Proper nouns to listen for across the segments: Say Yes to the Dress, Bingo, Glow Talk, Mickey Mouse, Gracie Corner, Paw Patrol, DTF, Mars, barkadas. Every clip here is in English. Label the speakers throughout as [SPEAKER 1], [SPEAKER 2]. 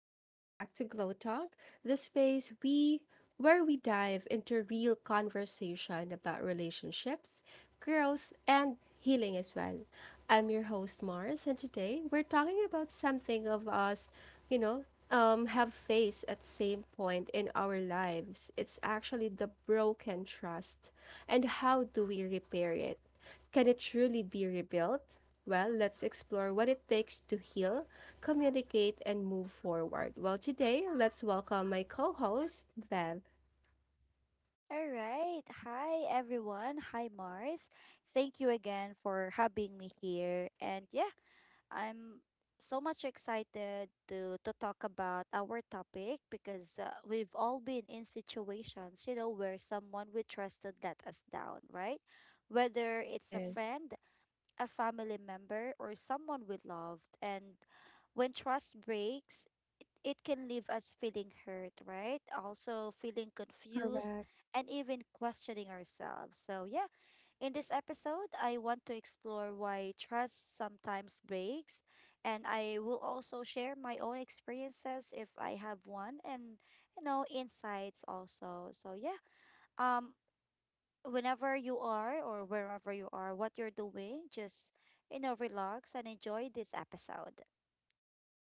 [SPEAKER 1] and welcome back to Glow Talk, the space we where we dive into real conversation about relationships, growth, and healing as well. I'm your host Mars and today we're talking about something of us, you know, have faced at same point in our lives. It's actually the broken trust and how do we repair it? Can it truly be rebuilt? Well, let's explore what it takes to heal communicate, and move forward. Well, today, let's welcome my co host, Bev.
[SPEAKER 2] All right. Hi, everyone. Hi, Mars. Thank you again for having me here. And yeah, I'm so much excited to talk about our topic because we've all been in situations, you know, where someone we trusted let us down, right? Whether it's a
[SPEAKER 1] Yes,
[SPEAKER 2] friend, a family member or someone we loved. And when trust breaks, it can leave us feeling hurt, right? Also, feeling confused
[SPEAKER 1] correct.
[SPEAKER 2] and even questioning ourselves. So, yeah, in this episode, I want to explore why trust sometimes breaks, and I will also share my own experiences if I have one and you know insights also. So yeah. Um Whenever you are or wherever you are, what you're doing, just, you know, relax and enjoy this episode.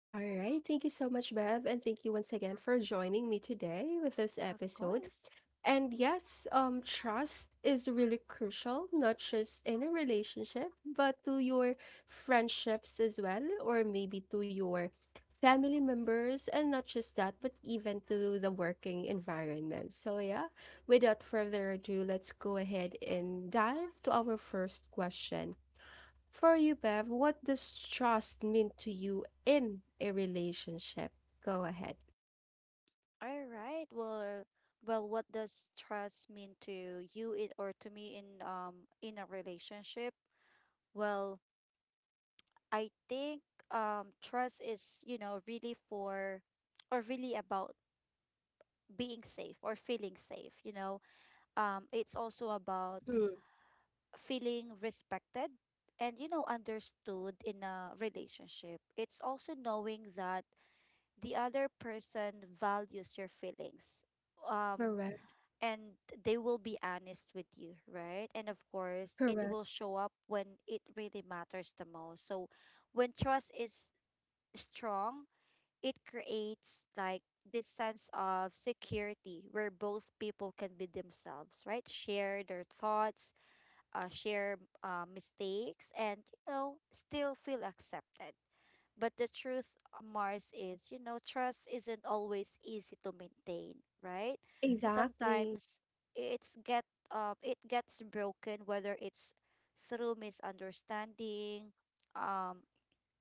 [SPEAKER 1] All right. Thank you so much, Bev. And thank you once again for joining me today with this
[SPEAKER 2] Of
[SPEAKER 1] episode.
[SPEAKER 2] course.
[SPEAKER 1] And yes, trust is really crucial, not just in a relationship, but to your friendships as well, or maybe to your family members, and not just that, but even to the working environment. So, yeah, without further ado, let's go ahead and dive to our first question. For you, Bev, what does trust mean to you in a relationship? Go ahead.
[SPEAKER 2] All right. Well, what does trust mean to you in, or to me in a relationship? Well, I think trust is, you know, really for or really about being safe or feeling safe, you know. It's also about
[SPEAKER 1] Mhm.
[SPEAKER 2] feeling respected and you know understood in a relationship. It's also knowing that the other person values your feelings um
[SPEAKER 1] Correct,
[SPEAKER 2] and they will be honest with you, right? And of course it
[SPEAKER 1] correct.
[SPEAKER 2] will show up when it really matters the most. So when trust is strong, it creates like this sense of security where both people can be themselves, right, share their thoughts, share mistakes, and you know still feel accepted. But the truth, Mars, is you know trust isn't always easy to maintain, right?
[SPEAKER 1] Exactly.
[SPEAKER 2] Sometimes it's get it gets broken, whether it's through misunderstanding, um,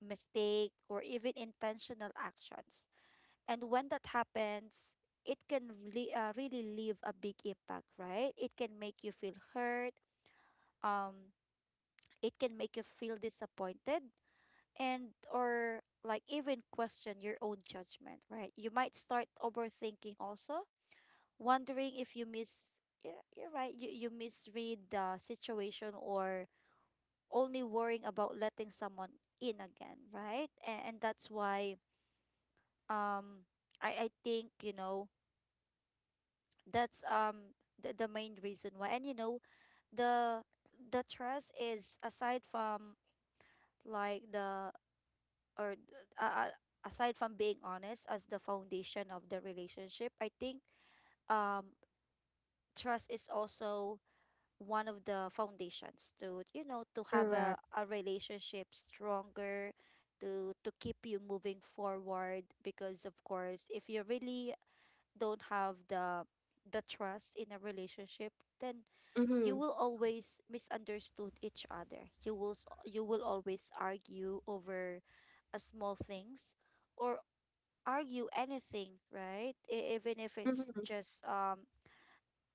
[SPEAKER 2] mistake, or even intentional actions. And when that happens, it can really, really leave a big impact, right? It can make you feel hurt, um, it can make you feel disappointed and or like even question your own judgment, right? You might start overthinking also, wondering if you miss yeah, you're right, you misread the situation or only worrying about letting someone in again, right? And that's why um I think, you know, that's the main reason why. And you know, the the trust is aside from like the or th- uh, uh, aside from being honest as the foundation of the relationship. I think um trust is also one of the foundations to you know to have
[SPEAKER 1] Correct.
[SPEAKER 2] a relationship stronger, to keep you moving forward. Because of course if you really don't have the trust in a relationship, then you
[SPEAKER 1] Mhm,
[SPEAKER 2] will always misunderstood each other. You will always argue over small things or argue anything, right? Even if it's
[SPEAKER 1] mhm,
[SPEAKER 2] just um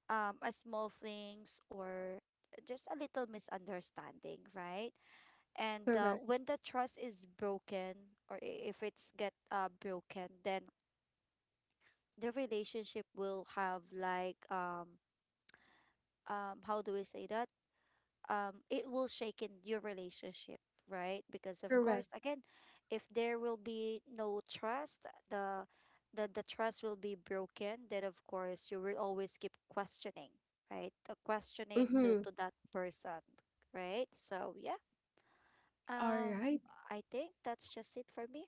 [SPEAKER 2] um a small things or just a little misunderstanding, right? And
[SPEAKER 1] correct,
[SPEAKER 2] when the trust is broken or if it's get broken, then the relationship will have like how do we say that? It will shaken your relationship, right? Because of course
[SPEAKER 1] correct.
[SPEAKER 2] again, if there will be no trust, the trust will be broken, then of course you will always keep questioning, right, questioning
[SPEAKER 1] Mhm,
[SPEAKER 2] to that person, right? So yeah, um
[SPEAKER 1] alright.
[SPEAKER 2] I think that's just it for me.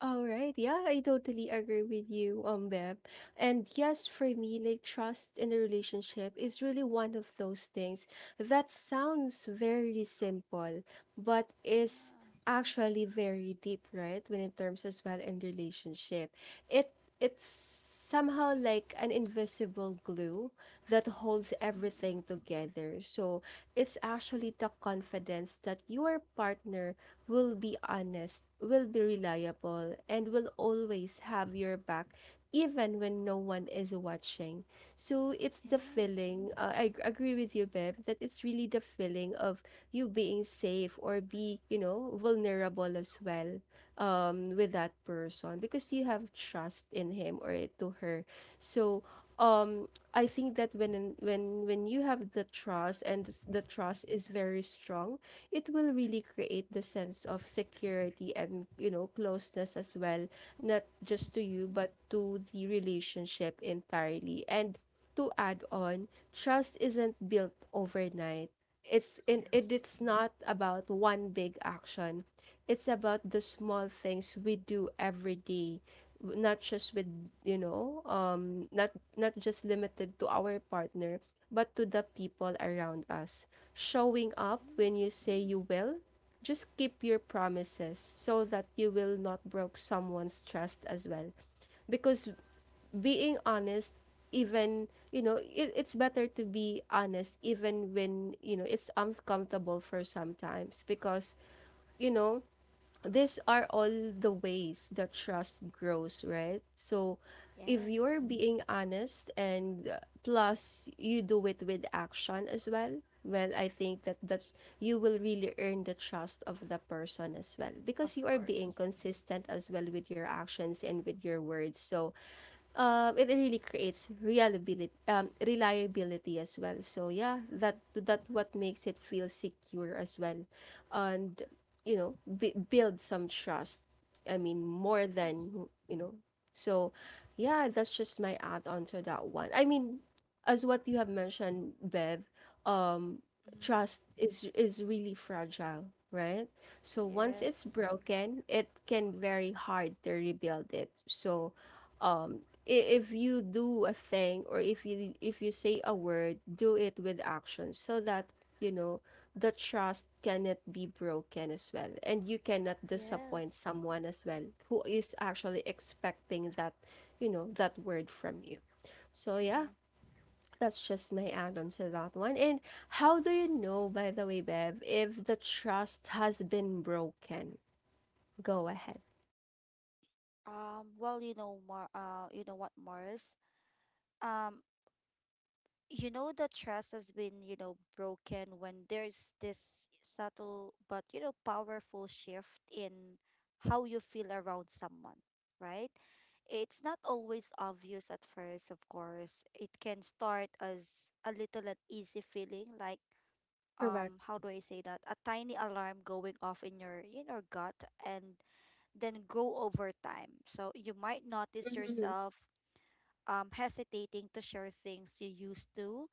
[SPEAKER 1] All right. Yeah, I totally agree with you, Beb. And yes, for me, like trust in a relationship is really one of those things that sounds very simple, but is
[SPEAKER 2] Yeah.
[SPEAKER 1] actually very deep, right? When in terms as well in relationship, it it's somehow like an invisible glue that holds
[SPEAKER 2] Mhm.
[SPEAKER 1] everything together. So it's actually the confidence that your partner will be honest, will be reliable, and will always have your back even when no one is watching. So it's the
[SPEAKER 2] Yes.
[SPEAKER 1] feeling, I agree with you, Beb, that it's really the feeling of you being safe or be, you know, vulnerable as well, with that person because you have trust in him or to her. So um I think that when you have the trust and the trust is very strong, it will really create the sense of security and, you know, closeness as well, not
[SPEAKER 2] Mhm.
[SPEAKER 1] just to you, but to the relationship entirely. And to add on, trust isn't built overnight. It's in it,
[SPEAKER 2] Yes.
[SPEAKER 1] it's not about one big action. It's about the small things we do every day, not just with, you know, um, not not just limited to our partner, but to the people around us. Showing up when you
[SPEAKER 2] Yes.
[SPEAKER 1] say you will, just keep your promises so that you will not broke someone's trust as well. Because being honest, even you know, it's better to be honest even when you know it's uncomfortable for sometimes because you know these are all the ways that trust grows, right? So if
[SPEAKER 2] Yes.
[SPEAKER 1] you're being honest and plus you do it with action as well, well, I think that you will really earn the trust of the person as well
[SPEAKER 2] Of
[SPEAKER 1] because you are being
[SPEAKER 2] course.
[SPEAKER 1] consistent as well with your actions and with your words. So it really creates reliability, reliability as well. So yeah, that
[SPEAKER 2] Hmm.
[SPEAKER 1] that what makes it feel secure as well, and you know build some trust. I mean more
[SPEAKER 2] Yes.
[SPEAKER 1] than you know. So yeah, that's just my add on to that one. I mean, as what you have mentioned, Bev, um,
[SPEAKER 2] Hmm.
[SPEAKER 1] trust is really fragile, right? So once it's
[SPEAKER 2] Yes.
[SPEAKER 1] broken, it can very hard to rebuild it. So um i- if you do a thing or if you say a word do it with action so that you know the trust cannot be broken as well and you cannot disappoint
[SPEAKER 2] Yes.
[SPEAKER 1] someone as well who is actually expecting that you know that word from you so yeah
[SPEAKER 2] Mm-hmm.
[SPEAKER 1] that's just my add-on to that one. And how do you know by the way Bev if the trust has been broken? Go ahead.
[SPEAKER 2] Well, you know, Mar you know what, Mars? Um, you know, the trust has been, you know, broken when there's this subtle but, you know, powerful shift in how you feel around someone, right? It's not always obvious at first, of course. It can start as a little uneasy feeling, like,
[SPEAKER 1] Correct.
[SPEAKER 2] how do I say that? A tiny alarm going off in your gut, and then go over time. So you might notice
[SPEAKER 1] Mhm.
[SPEAKER 2] yourself hesitating to share things you used to,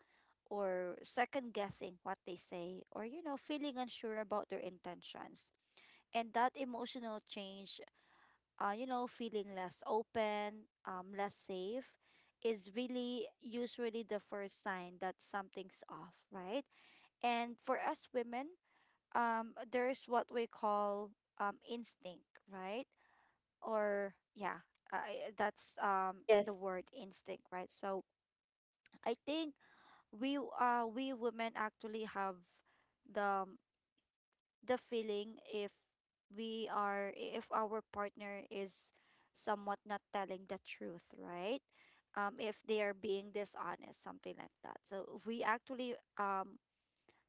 [SPEAKER 2] or second guessing what they say, or you know, feeling unsure about their intentions. And that emotional change, you know, feeling less open, less safe, is really usually the first sign that something's off, right? And for us women, there's what we call instinct, right? Or yeah, that's the
[SPEAKER 1] Yes.
[SPEAKER 2] word instinct, right? So I think we women actually have the the feeling if we are if our partner is somewhat not telling the truth, right? If they are being dishonest, something like that. So we actually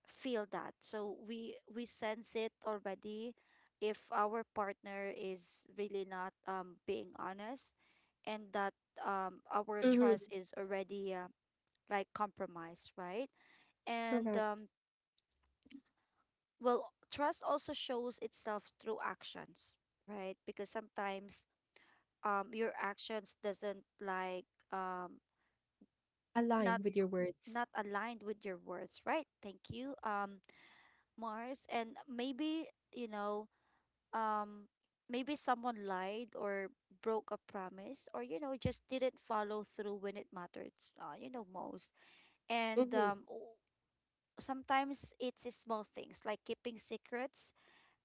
[SPEAKER 2] feel that. So we sense it already if our partner is really not being honest, and that our
[SPEAKER 1] Hmm.
[SPEAKER 2] trust is already like compromised, right? And
[SPEAKER 1] Correct.
[SPEAKER 2] well, trust also shows itself through actions, right? Because sometimes your actions doesn't like um not
[SPEAKER 1] Align with your words.
[SPEAKER 2] not aligned with your words, right? Thank you, Mars, and maybe you know um maybe someone lied or broke a promise or you know just didn't follow through when it mattered you know most. and
[SPEAKER 1] Mm-hmm.
[SPEAKER 2] um o- Sometimes it's small things like keeping secrets,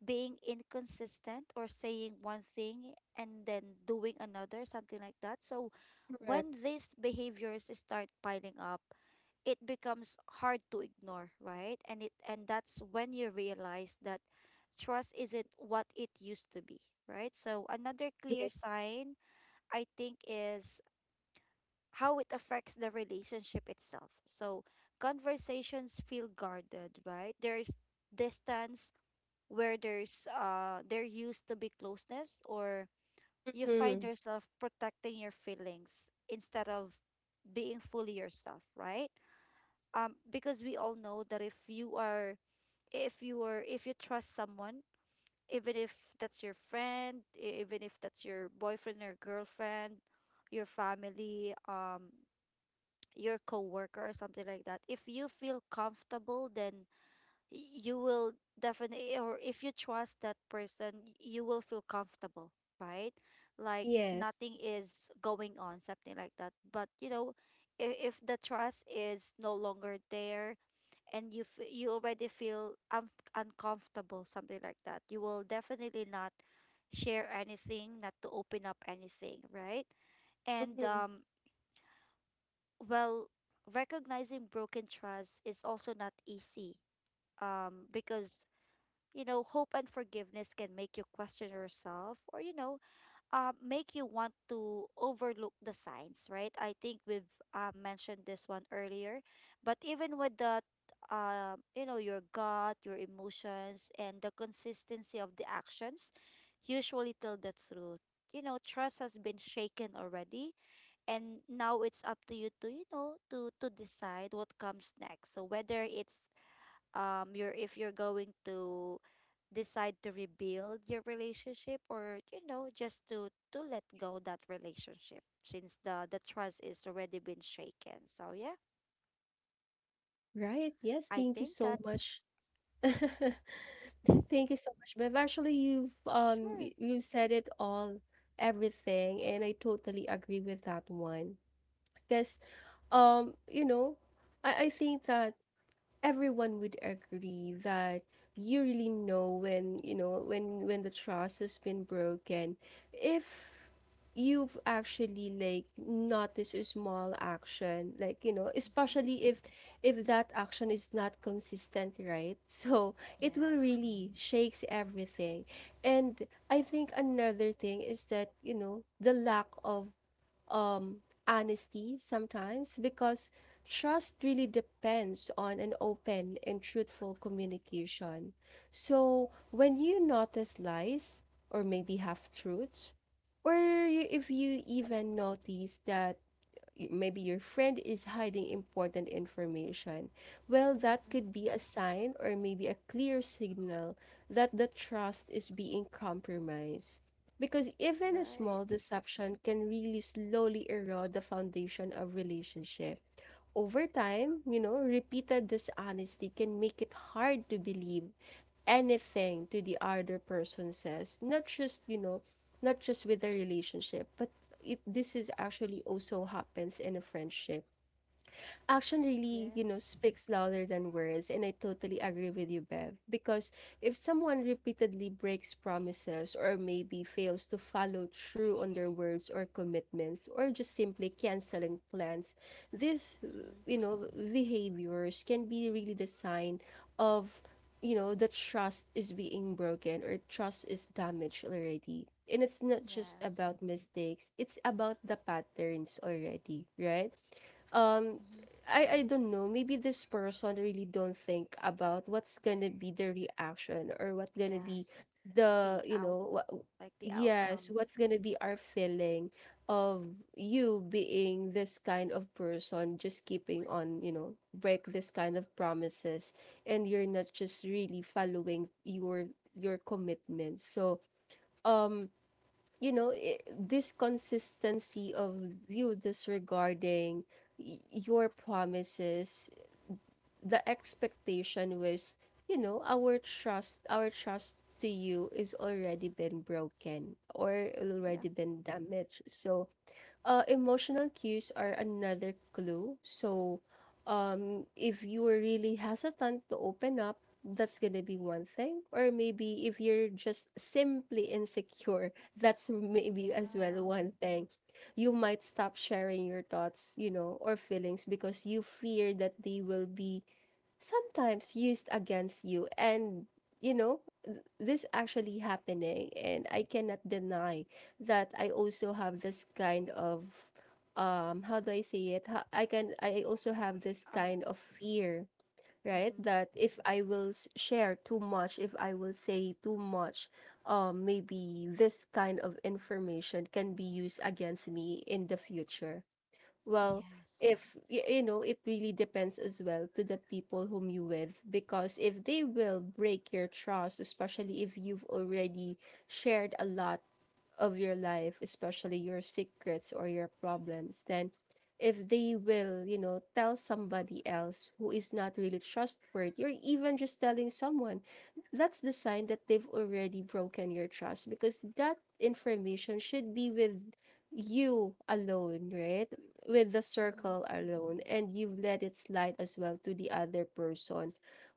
[SPEAKER 2] being inconsistent or saying one thing and then doing another, something like that. So
[SPEAKER 1] Correct.
[SPEAKER 2] when these behaviors start piling up, it becomes hard to ignore, right? And that's when you realize that trust isn't what it used to be, right? So another clear
[SPEAKER 1] Yes.
[SPEAKER 2] sign I think is how it affects the relationship itself. So conversations feel guarded, right? There's distance where there used to be closeness, or you find
[SPEAKER 1] Mm-hmm.
[SPEAKER 2] yourself protecting your feelings instead of being fully yourself, right? Because we all know that if you are, if you trust someone, even if that's your friend, even if that's your boyfriend or girlfriend, your family, your coworker or something like that, if you feel comfortable, then you will definitely, or if you trust that person, you will feel comfortable, right, like
[SPEAKER 1] Yes.
[SPEAKER 2] nothing is going on, something like that. But you know if the trust is no longer there and you already feel uncomfortable, something like that, you will definitely not share anything, not to open up anything, right? And
[SPEAKER 1] Mm-hmm.
[SPEAKER 2] well, recognizing broken trust is also not easy because you know, hope and forgiveness can make you question yourself or, you know, make you want to overlook the signs, right? I think we've mentioned this one earlier. But even with the, you know, your gut, your emotions, and the consistency of the actions usually tell the truth. You know, trust has been shaken already, and now it's up to, you know, to decide what comes next. So whether it's you're if you're going to decide to rebuild your relationship, or you know just to let go that relationship since the trust is already been shaken. So yeah,
[SPEAKER 1] Right. Yes.
[SPEAKER 2] I
[SPEAKER 1] Thank you
[SPEAKER 2] think
[SPEAKER 1] so
[SPEAKER 2] that's...
[SPEAKER 1] much.
[SPEAKER 2] Hmm.
[SPEAKER 1] Thank you so much, Bev. Actually, you've
[SPEAKER 2] Sure.
[SPEAKER 1] you've said it all, everything, and I totally agree with that one. Because you know, I think that everyone would agree that you really know when you know when the trust has been broken if you've actually like noticed a small action like you know
[SPEAKER 2] Hmm.
[SPEAKER 1] especially if that action is not consistent right so it will
[SPEAKER 2] Yes.
[SPEAKER 1] really shakes everything. And I think another thing is that you know the lack of um, honesty sometimes because trust really depends on an open and truthful communication. So when you notice lies or maybe half truths, or you, if you even notice that maybe your friend is hiding important information, well, that
[SPEAKER 2] Hmm.
[SPEAKER 1] could be a sign or maybe a clear signal that the trust is being compromised. Because even a small
[SPEAKER 2] Right.
[SPEAKER 1] deception can really slowly erode the foundation of relationship. Over time, you know, repeated dishonesty can make it hard to believe anything to the other person says, not just you know not just with a relationship but it this is actually also happens in a friendship. Action really, you know,
[SPEAKER 2] Yes.
[SPEAKER 1] speaks louder than words, and I totally agree with you, Bev. Because if someone repeatedly breaks promises or maybe fails to follow through on their words or commitments, or just simply canceling plans, these, you
[SPEAKER 2] Hmm.
[SPEAKER 1] know, behaviors can be really the sign of, you know, the trust is being broken or trust is damaged already. And it's not just
[SPEAKER 2] Yes.
[SPEAKER 1] about mistakes, it's about the patterns already, right? um
[SPEAKER 2] Hmm.
[SPEAKER 1] I don't know. Maybe this person really don't think about what's gonna be the reaction or what gonna be
[SPEAKER 2] Yes. The
[SPEAKER 1] the you
[SPEAKER 2] out,
[SPEAKER 1] know what.
[SPEAKER 2] like the
[SPEAKER 1] Yes,
[SPEAKER 2] outcome.
[SPEAKER 1] what's gonna be our feeling of you being this kind of person just keeping on you know break this kind of promises and you're not just really following your commitments. So um you know I this consistency of you disregarding your promises the expectation was you know our trust to you is already been broken or
[SPEAKER 2] Yeah.
[SPEAKER 1] already been damaged so emotional cues are another clue. So, if you were really hesitant to open up, that's gonna be one thing. Or maybe if you're just simply insecure, that's maybe as well
[SPEAKER 2] Yeah.
[SPEAKER 1] one thing. You might stop sharing your thoughts, you know, or feelings because you fear that they will be sometimes used against you. And you know this actually happening and I cannot deny that I also have this kind of how do I say it. I can I also have this
[SPEAKER 2] um
[SPEAKER 1] kind of fear, right?
[SPEAKER 2] mm-hmm.
[SPEAKER 1] That if I will share too much, if I will say too much, maybe this kind of information can be used against me in the future. Well,
[SPEAKER 2] Yes.
[SPEAKER 1] if you know it really depends as well to the people whom you with because if they will break your trust especially if you've already shared a lot of your life, especially your secrets or your problems, then if they will, you know, tell somebody else who is not really trustworthy, or even just telling someone, that's the sign that they've already broken your trust because that information should be with you alone, right? With the
[SPEAKER 2] Mm-hmm.
[SPEAKER 1] circle alone, and you've let it slide as well to the other person,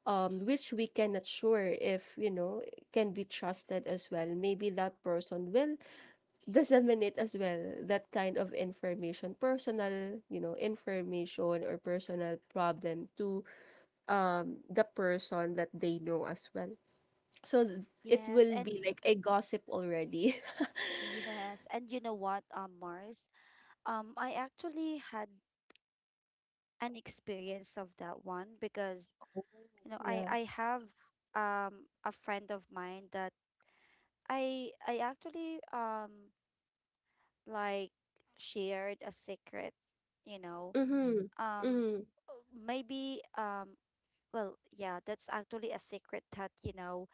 [SPEAKER 1] which we cannot sure if you know can be trusted as well. Maybe that person will disseminate as well that kind of information personal you know information or personal problem to the person that they know as well so it
[SPEAKER 2] Yes,
[SPEAKER 1] will
[SPEAKER 2] and...
[SPEAKER 1] be like a gossip already.
[SPEAKER 2] Yes, and you know what, Mars? I actually had an experience of that one because, you know, I
[SPEAKER 1] Yeah.
[SPEAKER 2] I have a friend of mine that I actually like shared a secret, you know.
[SPEAKER 1] Mm-hmm.
[SPEAKER 2] Um
[SPEAKER 1] Mm-hmm.
[SPEAKER 2] Maybe well, yeah, that's actually a secret that, you know,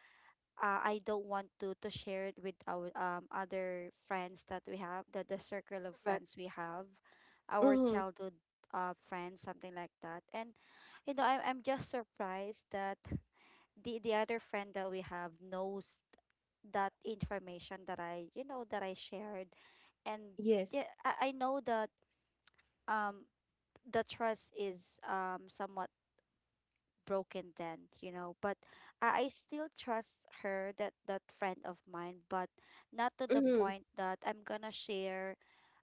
[SPEAKER 2] I don't want to share it with our other friends that we have, the circle of
[SPEAKER 1] Correct.
[SPEAKER 2] friends we have, our
[SPEAKER 1] Mm-hmm.
[SPEAKER 2] childhood friends, something like that. And you know, I'm just surprised that the other friend that we have knows that information that I you know that I shared, and
[SPEAKER 1] Yes.
[SPEAKER 2] yeah, I know that um the trust is somewhat broken then, you know. But I still trust her, that friend of mine, but not to the
[SPEAKER 1] Mm-hmm.
[SPEAKER 2] point that I'm gonna share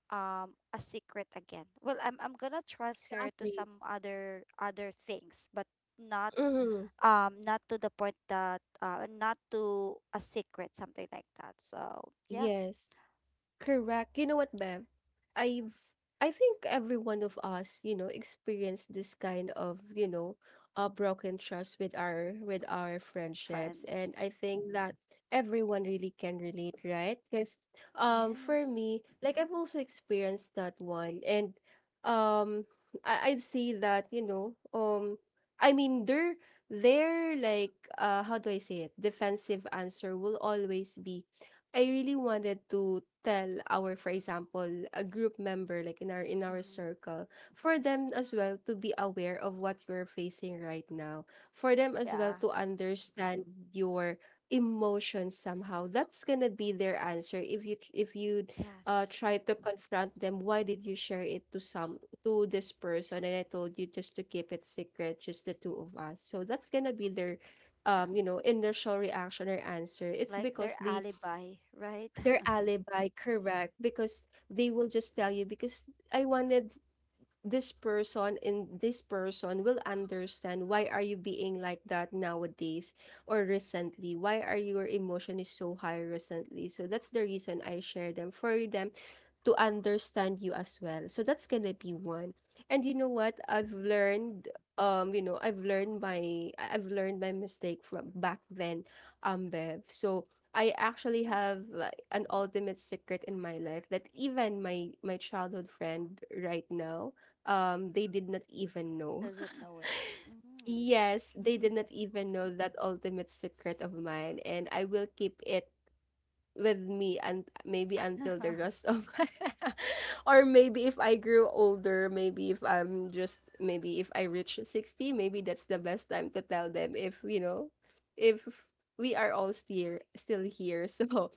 [SPEAKER 2] a secret again. Well, I'm gonna trust her to
[SPEAKER 1] Exactly.
[SPEAKER 2] some other other things, but not
[SPEAKER 1] Mm-hmm.
[SPEAKER 2] not to the point that not to a secret, something like that. So yeah,
[SPEAKER 1] Yes. Correct. You know what, Bev? I've I think every one of us, you know, experienced this kind of, you know, a broken trust with our friendships.
[SPEAKER 2] friends.
[SPEAKER 1] And I think that everyone really can relate, right? Because for
[SPEAKER 2] Yes.
[SPEAKER 1] me, like I've also experienced that one. And um I'd say that, you know, I mean their like how do I say it? Defensive answer will always be I really wanted to tell our, for example, a group member like in our
[SPEAKER 2] Mm-hmm.
[SPEAKER 1] circle, for them as well to be aware of what you're facing right now. For them as well
[SPEAKER 2] Yeah.
[SPEAKER 1] to understand your emotions somehow. That's gonna be their answer if you
[SPEAKER 2] Yes.
[SPEAKER 1] try to confront them. Why did you share it to some to this person? And I told you just to keep it secret, just the two of us. So that's gonna be their you know, initial reaction or answer. It's
[SPEAKER 2] Like
[SPEAKER 1] because
[SPEAKER 2] their
[SPEAKER 1] they
[SPEAKER 2] alibi, right?
[SPEAKER 1] their alibi correct because they will just tell you because I wanted this person and this person will understand why are you being like that nowadays or recently why are your emotion is so high recently so that's the reason I share them for them to understand you as well. So that's gonna be one. And you know what? I've learned you know, I've learned my I- I've learned my mistake from back then, Bev. So I actually
[SPEAKER 2] Mm-hmm.
[SPEAKER 1] have an ultimate secret in my life that even my childhood friend right now, they did not even know.
[SPEAKER 2] Doesn't know it.
[SPEAKER 1] Yes, they
[SPEAKER 2] Mm.
[SPEAKER 1] did not even know that ultimate secret of mine, and I will keep it with me and maybe until the rest of my or maybe if I grew older, maybe if I'm just maybe if I reach 60, maybe that's the best time to tell them if, you know, if we are all still here. So,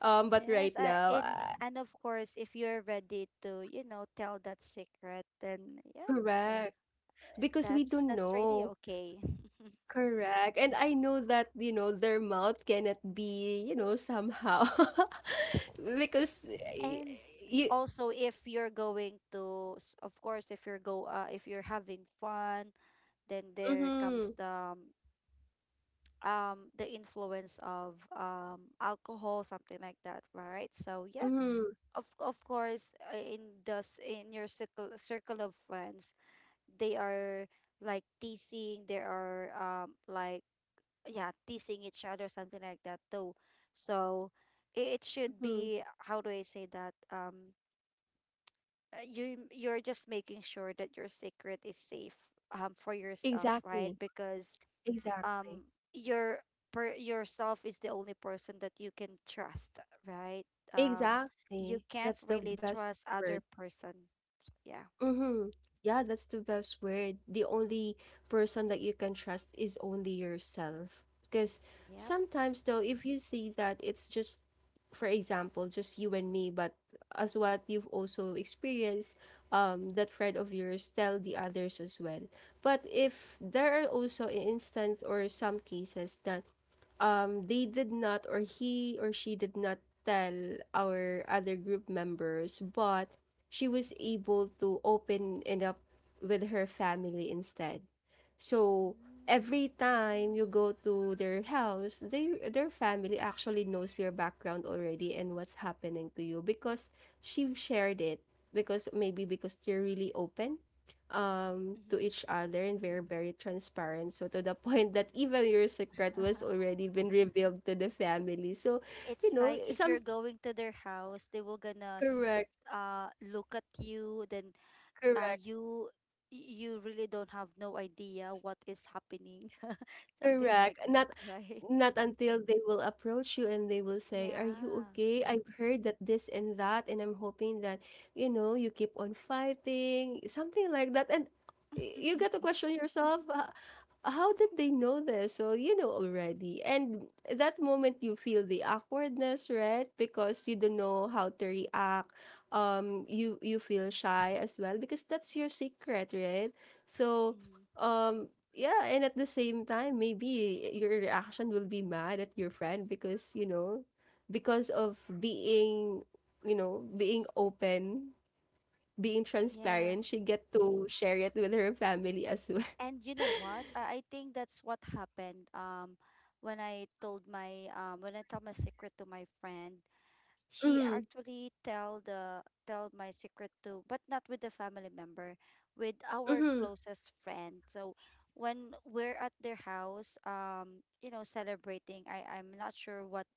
[SPEAKER 1] but right
[SPEAKER 2] Yes,
[SPEAKER 1] now,
[SPEAKER 2] in and of course, if you're ready to, you know, tell that secret, then yeah,
[SPEAKER 1] correct. Because we don't
[SPEAKER 2] that's really
[SPEAKER 1] know.
[SPEAKER 2] okay.
[SPEAKER 1] Correct. And I know that, you know, their mouth cannot be, you know, somehow because
[SPEAKER 2] And
[SPEAKER 1] you
[SPEAKER 2] also, if you're going to, of course, if you're having fun, then there
[SPEAKER 1] mm-hmm,
[SPEAKER 2] comes um the influence of alcohol, something like that, right? So yeah,
[SPEAKER 1] mm-hmm,
[SPEAKER 2] of course, in the in your circle of friends, they are like teasing, they are yeah teasing each other, something like that too. So it should be how do I say that? You you're just making sure that your secret is safe for yourself, right?
[SPEAKER 1] Exactly,
[SPEAKER 2] Because
[SPEAKER 1] exactly,
[SPEAKER 2] um your per yourself is the only person that you can trust, right? um you
[SPEAKER 1] exactly.
[SPEAKER 2] can't
[SPEAKER 1] That's the
[SPEAKER 2] really
[SPEAKER 1] best
[SPEAKER 2] trust
[SPEAKER 1] word.
[SPEAKER 2] other person. Yeah.
[SPEAKER 1] Mm-hmm. Yeah, that's the best word. The only person that you can trust is only yourself. Because
[SPEAKER 2] Yep.
[SPEAKER 1] sometimes, though, if you see that it's just, for example, just you and me, but as what you've also experienced, that friend of yours tell the others as well. But if there are also instance or some cases that they did not, or he or she did not tell our other group members, but she was able to open it up with her family instead. So
[SPEAKER 2] Mm.
[SPEAKER 1] every time you go to their house, they their family actually knows your background already and what's happening to you because she shared it. Because maybe because you're really open to
[SPEAKER 2] Mm-hmm.
[SPEAKER 1] each other and very very transparent so to the point that even your secret was already been revealed to the family so
[SPEAKER 2] It's
[SPEAKER 1] you know
[SPEAKER 2] like if
[SPEAKER 1] some
[SPEAKER 2] you're going to their house, they will gonna
[SPEAKER 1] correct
[SPEAKER 2] look at you. Then uh
[SPEAKER 1] correct
[SPEAKER 2] you you really don't have no idea what is happening, something like
[SPEAKER 1] Correct.
[SPEAKER 2] that,
[SPEAKER 1] Not
[SPEAKER 2] right?
[SPEAKER 1] not until they will approach you and they will say, "Are you
[SPEAKER 2] Yeah.
[SPEAKER 1] okay? I've heard that this and that, and I'm hoping that, you know, you keep on fighting," something like that. And you get to question yourself, how did they know this? So you know already. And that moment you feel the awkwardness, right? Because you don't know how to react. You feel shy as well because that's your secret, right? So
[SPEAKER 2] Mm,
[SPEAKER 1] um yeah, and at the same time, maybe your reaction will be mad at your friend because, you know, because of being, you know, being open, being
[SPEAKER 2] Yeah.
[SPEAKER 1] transparent, she get to share it with her family as well.
[SPEAKER 2] And you know what? I think that's what happened. When I told my when I told my secret to my friend, she
[SPEAKER 1] Mhm.
[SPEAKER 2] actually tell my secret to but not with the family member with our
[SPEAKER 1] Mhm.
[SPEAKER 2] closest friend. So when we're at their house, you know, celebrating, I'm not sure what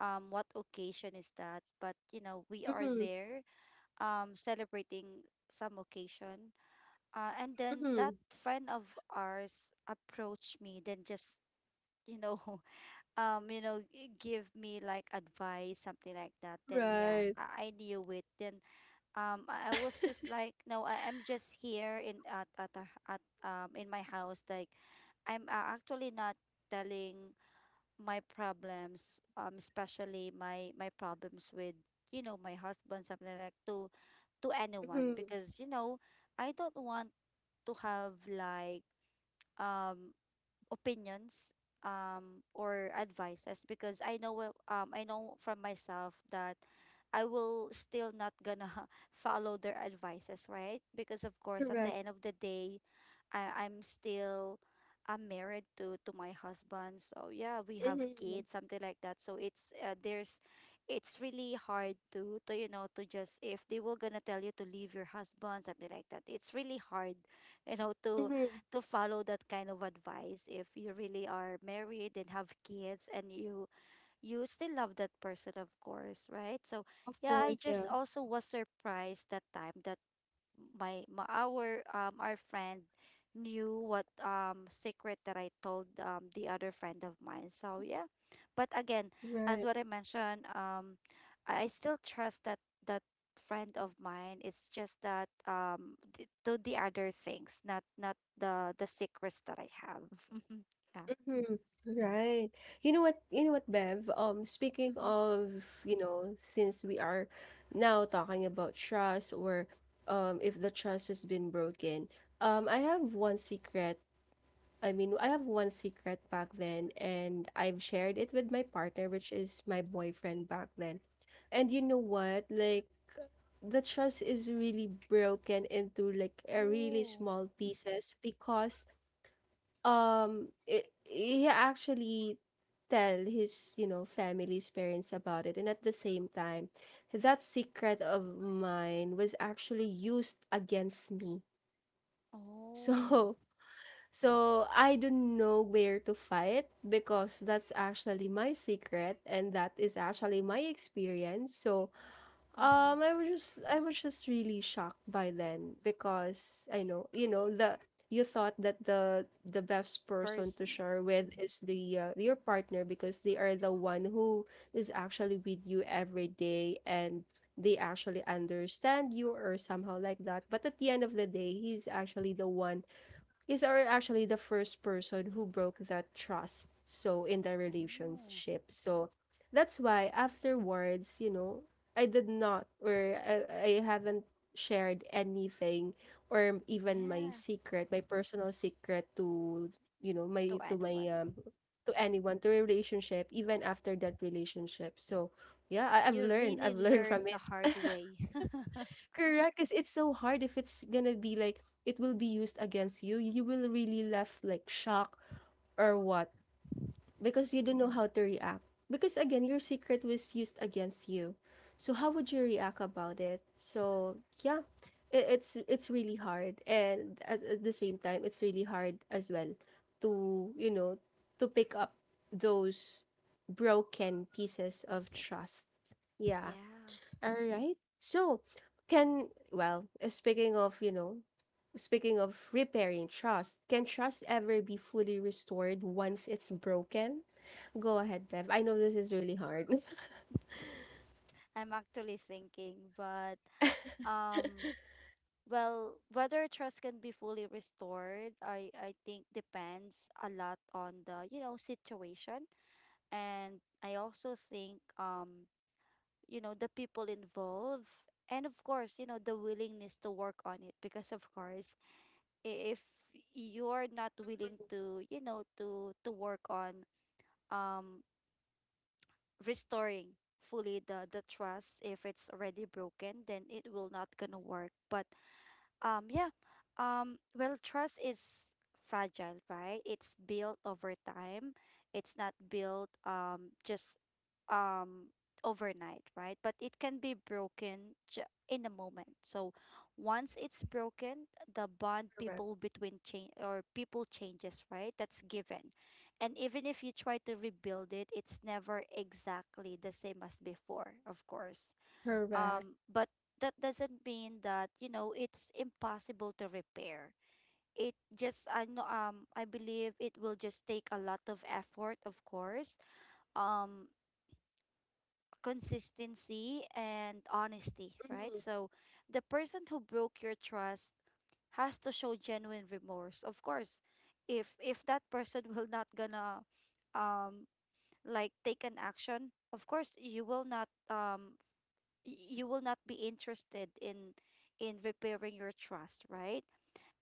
[SPEAKER 2] what occasion is that, but you know, we are
[SPEAKER 1] Mhm.
[SPEAKER 2] there, celebrating some occasion. And then that
[SPEAKER 1] Mhm.
[SPEAKER 2] friend of ours approached me, then just, you know, you know, give me like advice, something like that. Then yeah,
[SPEAKER 1] Right.
[SPEAKER 2] I knew it. Then I was just like, no, I am just here in at a, at in my house. Like, I'm actually not telling my problems, especially my problems with, you know, my husband, something like to anyone,
[SPEAKER 1] Mhm.
[SPEAKER 2] because you know, I don't want to have like um opinions or advices, because I know I know from myself that I will still not gonna follow their advices, right? Because of course, at the
[SPEAKER 1] Correct.
[SPEAKER 2] end of the day, I I'm still I'm married to my husband. So yeah, we have
[SPEAKER 1] Mhm.
[SPEAKER 2] kids, something like that. So it's there's it's really hard to you know, to just, if they were gonna tell you to leave your husband, something like that. It's really hard, you know, to
[SPEAKER 1] Mhm.
[SPEAKER 2] follow that kind of advice if you really are married and have kids, and you still love that person, of course, right? So
[SPEAKER 1] Of
[SPEAKER 2] yeah, I
[SPEAKER 1] course,
[SPEAKER 2] just
[SPEAKER 1] yeah.
[SPEAKER 2] also was surprised that time that my our friend knew what secret that I told the other friend of mine. So yeah. But again, as
[SPEAKER 1] Right.
[SPEAKER 2] what I mentioned, I still trust that that friend of mine. It's just that to the other things, not the secrets that I have. Yeah.
[SPEAKER 1] Hmm, right. You know what, Bev? Speaking
[SPEAKER 2] Mm-hmm.
[SPEAKER 1] of, you know, since we are now talking about trust or if the trust has been broken, I have one secret. I mean, I have one secret back then and I've shared it with my partner, which is my boyfriend back then. And you know what? Like the trust is really broken into like a really
[SPEAKER 2] Oh,
[SPEAKER 1] small pieces because he actually tell his, you know, family's parents about it and at the same time that secret of mine was actually used against me
[SPEAKER 2] oh,
[SPEAKER 1] so so I don't know where to fight because that's actually my secret and that is actually my experience so
[SPEAKER 2] Mm-hmm.
[SPEAKER 1] I was just really shocked by then because I know, you know, the you thought that the best person to
[SPEAKER 2] Person.
[SPEAKER 1] share with
[SPEAKER 2] Mm-hmm.
[SPEAKER 1] is the your partner because they are the one who is actually with you every day and they actually understand you or somehow like that. But at the end of the day, he's actually the one these are actually the first person who broke that trust. So in the
[SPEAKER 2] Oh.
[SPEAKER 1] relationship. So that's why afterwards, you know, I did not or I haven't shared anything or even my
[SPEAKER 2] Yeah.
[SPEAKER 1] secret, my personal secret to you know,
[SPEAKER 2] To
[SPEAKER 1] my to
[SPEAKER 2] anyone.
[SPEAKER 1] my to anyone, to a relationship, even after that relationship. So yeah, I've
[SPEAKER 2] You
[SPEAKER 1] learned.
[SPEAKER 2] really
[SPEAKER 1] I've learned
[SPEAKER 2] learn
[SPEAKER 1] from
[SPEAKER 2] the
[SPEAKER 1] it.
[SPEAKER 2] hard way.
[SPEAKER 1] Correct, because it's so hard if it's gonna be like it will be used against you. You will really left like shocked or what because you don't know how to react. Because again, your secret was used against you. So how would you react about it? So yeah, it's really hard, and at the same time, it's really hard as well to you know to pick up those broken pieces of
[SPEAKER 2] Pieces.
[SPEAKER 1] trust. Yeah.
[SPEAKER 2] Yeah.
[SPEAKER 1] All right. So, speaking of, you know, speaking of repairing trust, can trust ever be fully restored once it's broken? Go ahead, Bev. I know this is really hard.
[SPEAKER 2] I'm actually thinking, but um well, whether trust can be fully restored, I think depends a lot on the, you know, situation. And I also think, you know, the people involved, and of course, you know, the willingness to work on it, because of course, if you're not willing to, you know, to work on um restoring fully the trust if it's already broken, then it will not gonna work. But yeah. Well, trust is fragile, right? It's built over time. It's not built just um overnight, right? But it can be broken in a moment. So once it's broken, the bond
[SPEAKER 1] Correct.
[SPEAKER 2] people between change, or people changes, right? That's given. And even if you try to rebuild it, it's never exactly the same as before, of course.
[SPEAKER 1] Correct.
[SPEAKER 2] But that doesn't mean that, you know, it's impossible to repair. It just I believe it will just take a lot of effort, of course. Um, consistency and honesty, right?
[SPEAKER 1] Mm-hmm.
[SPEAKER 2] So the person who broke your trust has to show genuine remorse. Of course, if that person will not gonna um like take an action, of course you will not be interested in repairing your trust, right?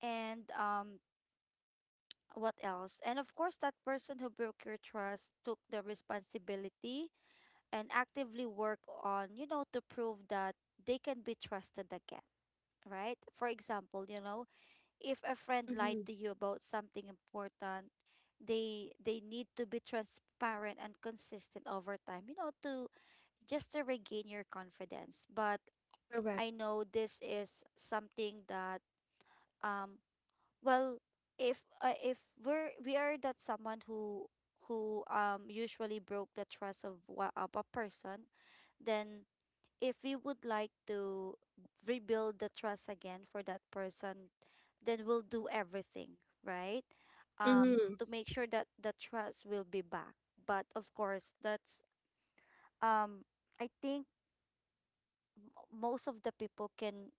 [SPEAKER 2] And what else? And of course, that person who broke your trust took the responsibility and actively work on, you know, to prove that they can be trusted again, right? For example, you know, if a friend lied
[SPEAKER 1] Mm-hmm.
[SPEAKER 2] to you about something important, they need to be transparent and consistent over time, you know, to just to regain your confidence. But
[SPEAKER 1] Correct.
[SPEAKER 2] I know this is something that, um well, if we are that someone who, usually broke the trust of, of a person, then if we would like to rebuild the trust again for that person, then we'll do everything right,
[SPEAKER 1] Mm-hmm.
[SPEAKER 2] to make sure that the trust will be back. But of course, that's, um I think most of the people can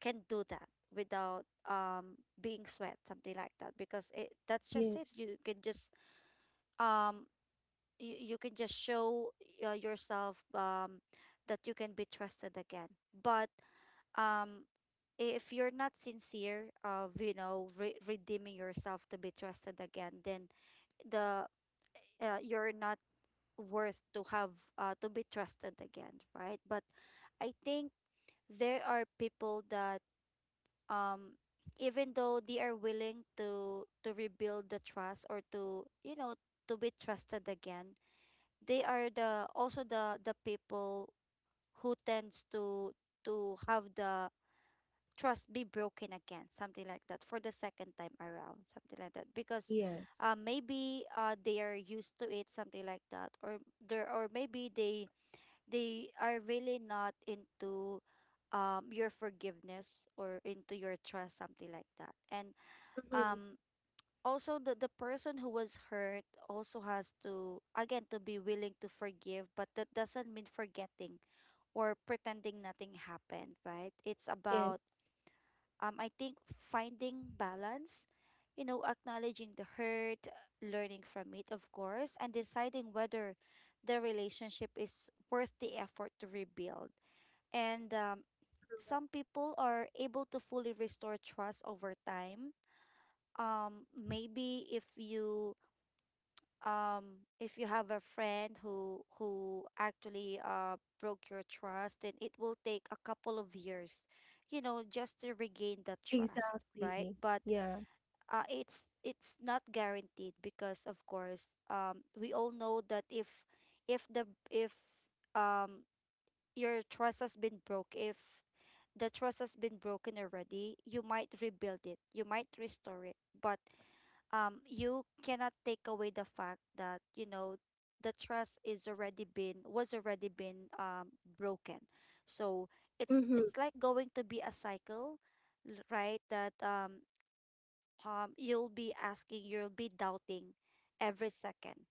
[SPEAKER 2] do that without being sweat, something like that, because it, that's just it,
[SPEAKER 1] Yes.
[SPEAKER 2] you can just um you can just show yourself that you can be trusted again. But um if you're not sincere of, you know, redeeming yourself to be trusted again, then the, you're not worth to have, to be trusted again, right? But I think there are people that, um even though they are willing to rebuild the trust, or to, you know, to be trusted again, they are the also the people who tends to have the trust be broken again, something like that, for the second time around, something like that, because
[SPEAKER 1] Yes.
[SPEAKER 2] maybe they are used to it, something like that, or there, or maybe they are really not into your forgiveness or into your trust, something like that. And
[SPEAKER 1] Mm-hmm.
[SPEAKER 2] um also the person who was hurt also has to, again, to be willing to forgive, but that doesn't mean forgetting or pretending nothing happened, right? It's
[SPEAKER 1] Yes.
[SPEAKER 2] about, I think, finding balance, you know, acknowledging the hurt, learning from it, of course, and deciding whether the relationship is worth the effort to rebuild. And some people are able to fully restore trust over time. Maybe if you, if you have a friend who, actually broke your trust, then it will take a couple of years, you know, just to regain that trust, right?
[SPEAKER 1] Exactly.
[SPEAKER 2] But
[SPEAKER 1] Yeah.
[SPEAKER 2] it's not guaranteed, because of course, we all know that, if the if um your trust has been broke, if the trust has been broken already, you might rebuild it, you might restore it, but you cannot take away the fact that, you know, the trust is already been, was already been broken. So it's
[SPEAKER 1] Mm-hmm.
[SPEAKER 2] it's like going to be a cycle, right? That, you'll be asking, you'll be doubting every second,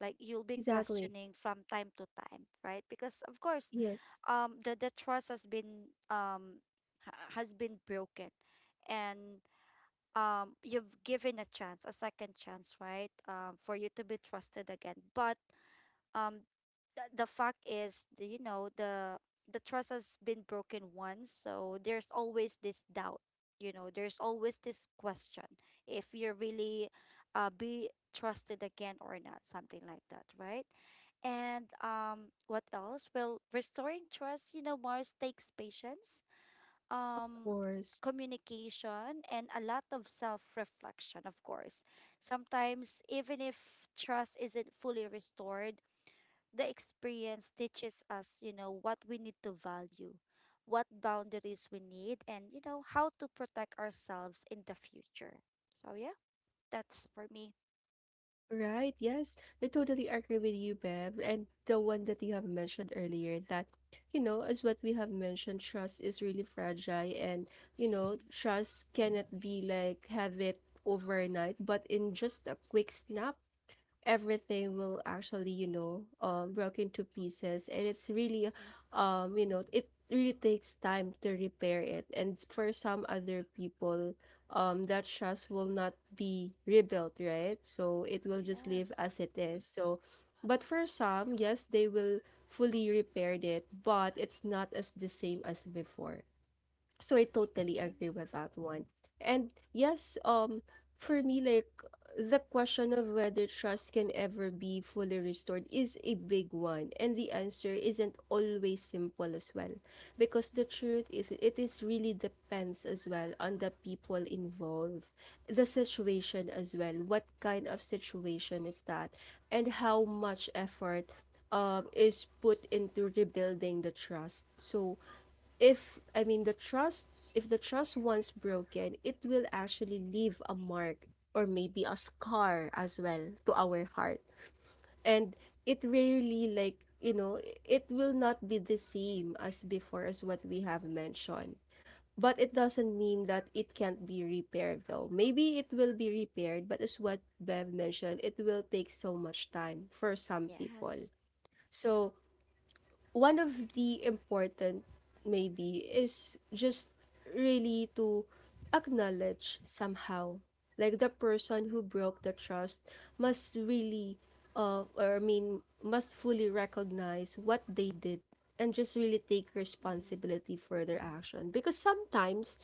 [SPEAKER 2] like you'll be
[SPEAKER 1] Exactly.
[SPEAKER 2] questioning from time to time, right? Because of course,
[SPEAKER 1] Yes.
[SPEAKER 2] the trust has been, has been broken, and you've given a chance, a second chance, right, for you to be trusted again. But um the fact is, the, you know the trust has been broken once. So there's always this doubt, you know, there's always this question if you're really be trusted again or not, something like that, right? And what else? Well, restoring trust, you know, Mars, takes patience,
[SPEAKER 1] Of
[SPEAKER 2] um
[SPEAKER 1] course.
[SPEAKER 2] communication, and a lot of self-reflection, of course. Sometimes even if trust isn't fully restored, the experience teaches us, you know, what we need to value, what boundaries we need, and, you know, how to protect ourselves in the future. So yeah, that's for me.
[SPEAKER 1] Right, yes. I totally agree with you, Bev. And the one that you have mentioned earlier that, you know, as what we have mentioned, trust is really fragile and, you know,
[SPEAKER 2] Mm-hmm.
[SPEAKER 1] trust cannot be like have it overnight, but in just a quick snap everything will actually, you know, broke into pieces and it's really
[SPEAKER 2] Mm-hmm.
[SPEAKER 1] you know it really takes time to repair it, and for some other people that trust will not be rebuilt, right? So it will just live
[SPEAKER 2] Yes,
[SPEAKER 1] as it is so but for some yes they will fully repaired it but it's not as the same as before so I totally agree
[SPEAKER 2] yes,
[SPEAKER 1] with that one. And yes, for me, the question of whether trust can ever be fully restored is a big one, and the answer isn't always simple as well, because the truth is it is really depends as well on the people involved, the situation as well, what kind of situation is that, and how much effort is put into rebuilding the trust. So if I mean the trust if the trust once broken, it will actually leave a mark or maybe a scar as well to our heart. And it rarely like, you know, it will not be the same as before as what we have mentioned. But it doesn't mean that it can't be repaired though. Maybe it will be repaired, but as what Bev mentioned, it will take so much time for some
[SPEAKER 2] Mm-hmm.
[SPEAKER 1] people.
[SPEAKER 2] Yes.
[SPEAKER 1] So one of the important maybe is just really to acknowledge somehow like the person who broke the trust must really or I mean must fully recognize what they did and just really take
[SPEAKER 2] Mm-hmm.
[SPEAKER 1] responsibility for their action because sometimes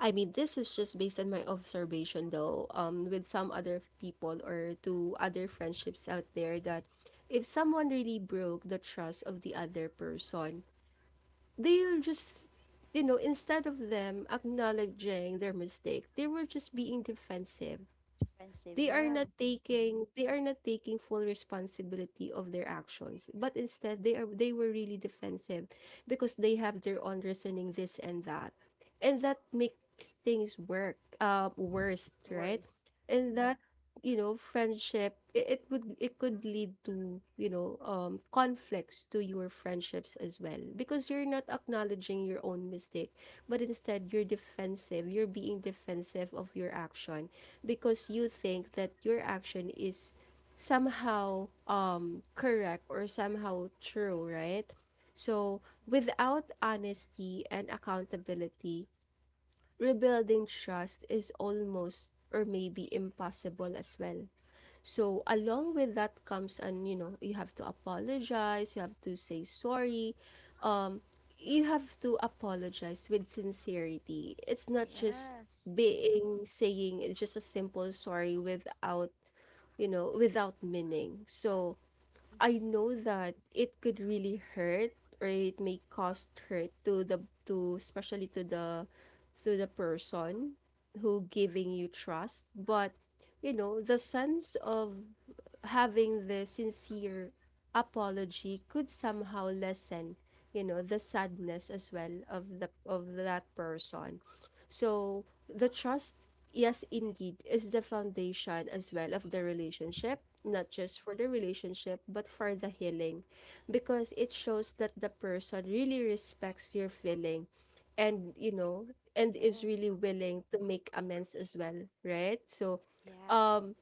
[SPEAKER 1] I mean this is just based on my observation though with some other people or to other friendships out there that if someone really broke the trust of the other person they'll just you know instead of them acknowledging their mistake they were just being defensive.
[SPEAKER 2] Defensive, yeah.
[SPEAKER 1] They are not taking full responsibility of their actions, but instead they were really defensive because they have their own reasoning this and that. And that makes things work worse, right?
[SPEAKER 2] Words.
[SPEAKER 1] And yeah, that you know friendship it could lead to you know conflicts to your friendships as well because you're not acknowledging your own mistake, but instead you're defensive, you're being defensive of your action because you think that your action is somehow correct or somehow true, right? So
[SPEAKER 2] Mm-hmm.
[SPEAKER 1] without honesty and accountability, rebuilding trust is almost or maybe impossible as well, so along with that comes, and you know you have to apologize, you have to say sorry. Um, you have to apologize with sincerity. It's not just
[SPEAKER 2] Yes.
[SPEAKER 1] being saying just a simple sorry without, you know, without meaning. So I
[SPEAKER 2] Mm-hmm.
[SPEAKER 1] know that it could really hurt or it may cause hurt to the to especially to the person who giving you trust, but you know the sense of having the sincere apology could somehow lessen you know the sadness as well of the of that person so the trust yes indeed is the foundation as well of the relationship, not just for the relationship but for the healing, because it shows that the person really respects your feeling and you know and is
[SPEAKER 2] Yes.
[SPEAKER 1] really willing to make amends as well, right? So
[SPEAKER 2] Yes.
[SPEAKER 1] um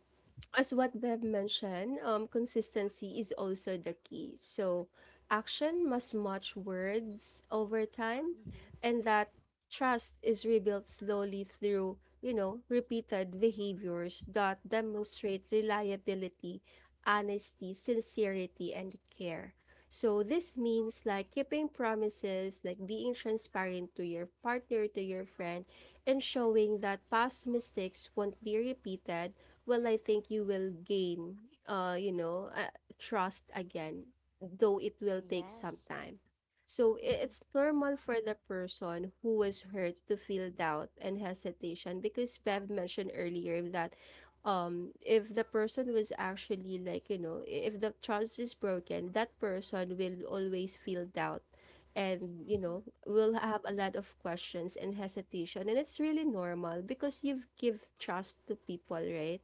[SPEAKER 1] as what Bev mentioned, consistency is also the key. So, action must match words over time,
[SPEAKER 2] Mm-hmm.
[SPEAKER 1] and that trust is rebuilt slowly through, you know, repeated behaviors that demonstrate reliability, honesty, sincerity, and care. So this means like keeping promises, like being transparent to your partner, to your friend, and showing that past mistakes won't be repeated. Well, I think you will gain, you know, trust again, though it will take some
[SPEAKER 2] Yes.
[SPEAKER 1] time. So i-
[SPEAKER 2] Mm-hmm.
[SPEAKER 1] it's normal for the person who was hurt to feel doubt and hesitation because Bev mentioned earlier that if the person was actually like if the trust is broken, that person will always feel doubt, and you
[SPEAKER 2] Mm-hmm.
[SPEAKER 1] know, will have a lot of questions and hesitation, and it's really normal because you've give trust to people, right?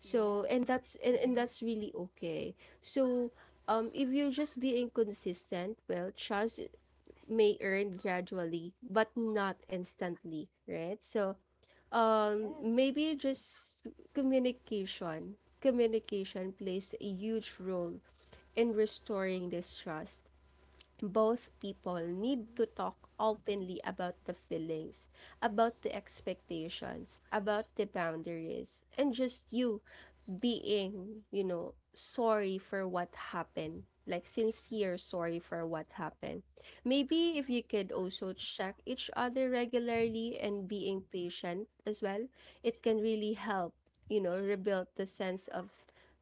[SPEAKER 1] So and
[SPEAKER 2] Yes.
[SPEAKER 1] that's and, and that's really okay. So if you're just being consistent, well, trust may earn gradually but not instantly, right? So
[SPEAKER 2] Yes.
[SPEAKER 1] maybe just communication plays a huge role in restoring this trust. Both people need
[SPEAKER 2] Mm-hmm.
[SPEAKER 1] to talk openly about the feelings, about the expectations, about the boundaries, and just you being, you know, sorry for what happened. Like sincere sorry for what happened. Maybe if you
[SPEAKER 2] Yes.
[SPEAKER 1] could also check each other regularly and being patient as well, it can really help, you know, rebuild the sense of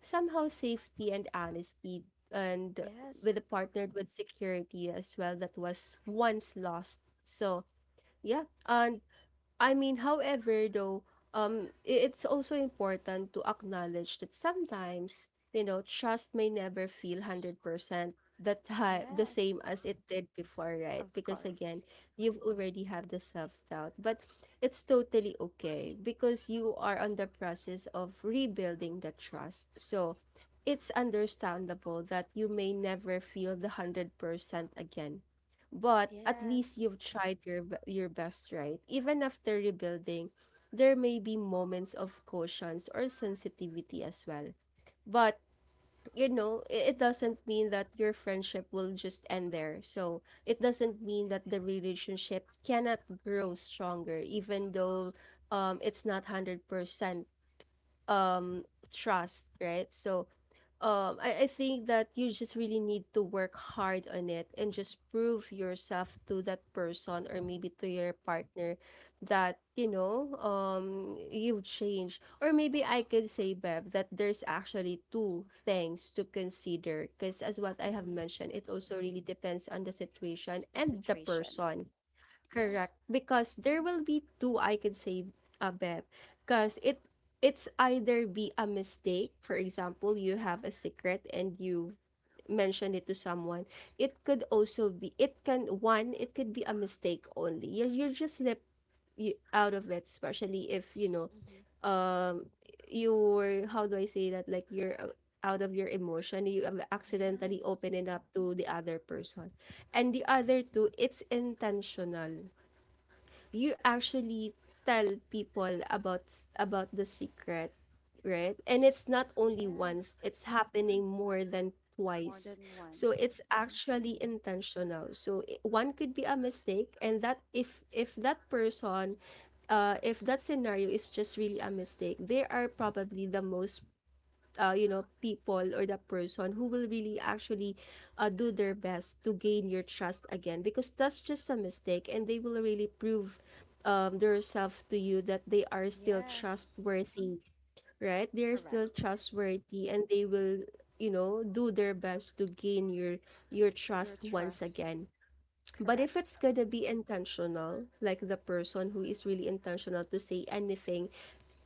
[SPEAKER 1] somehow safety and honesty, and with
[SPEAKER 2] Yes.
[SPEAKER 1] a partnered with security as well that was once lost. So yeah. And I mean, however, though, it's also important to acknowledge that sometimes, you know, trust may never feel 100% the time, the
[SPEAKER 2] Yes,
[SPEAKER 1] same as it did before, right?
[SPEAKER 2] of
[SPEAKER 1] Because again,
[SPEAKER 2] course.
[SPEAKER 1] you've already have the self-doubt, but it's totally okay because you are on the process of rebuilding the trust. So it's understandable that you may never feel the 100% again, but at least
[SPEAKER 2] Yes.
[SPEAKER 1] you've tried your best, right? Even after rebuilding, there may be moments of cautions or sensitivity as well. But you know, it doesn't mean that your friendship will just end there. So it doesn't mean that the relationship cannot grow stronger, even though it's not 100% um trust, right? So I think that you just really need to work hard on it and just prove yourself to that person or
[SPEAKER 2] Mm-hmm.
[SPEAKER 1] maybe to your partner, that you know, you've changed. Or maybe I could say, Bev, that there's actually two things to consider, because as what I have
[SPEAKER 2] Mm-hmm.
[SPEAKER 1] mentioned, it also really depends on the situation
[SPEAKER 2] The
[SPEAKER 1] and the
[SPEAKER 2] situation.
[SPEAKER 1] person.
[SPEAKER 2] Yes.
[SPEAKER 1] Correct. Because there will be two, I can say, Bev. Because it's either be a mistake. For example, you have a secret and you mentioned it to someone. It could also be, it can one, it could be a mistake only. You just slip you out of it, especially if you know,
[SPEAKER 2] Mm-hmm.
[SPEAKER 1] um you're, how do I say that? Like you're out of your emotion, you have accidentally
[SPEAKER 2] Yes.
[SPEAKER 1] open it up to the other person. And the other two, it's intentional. You actually tell people about the secret, right? And it's not only
[SPEAKER 2] Yes.
[SPEAKER 1] once, it's happening more than
[SPEAKER 2] More
[SPEAKER 1] twice.
[SPEAKER 2] than
[SPEAKER 1] So
[SPEAKER 2] once.
[SPEAKER 1] it's
[SPEAKER 2] Mm-hmm.
[SPEAKER 1] actually intentional. So one could be a mistake, and that if that person if that scenario is just really a mistake, they are probably the most you know, people or the person who will really actually do their best to gain your trust again, because that's just a mistake, and they will really prove themselves to you that they are still
[SPEAKER 2] Yes.
[SPEAKER 1] trustworthy. Right, they are still
[SPEAKER 2] Correct.
[SPEAKER 1] trustworthy, and they will, you know, do their best to gain your
[SPEAKER 2] Your
[SPEAKER 1] trust once
[SPEAKER 2] trust.
[SPEAKER 1] again. But if
[SPEAKER 2] Correct.
[SPEAKER 1] it's gonna be intentional, like the person who is really intentional to say anything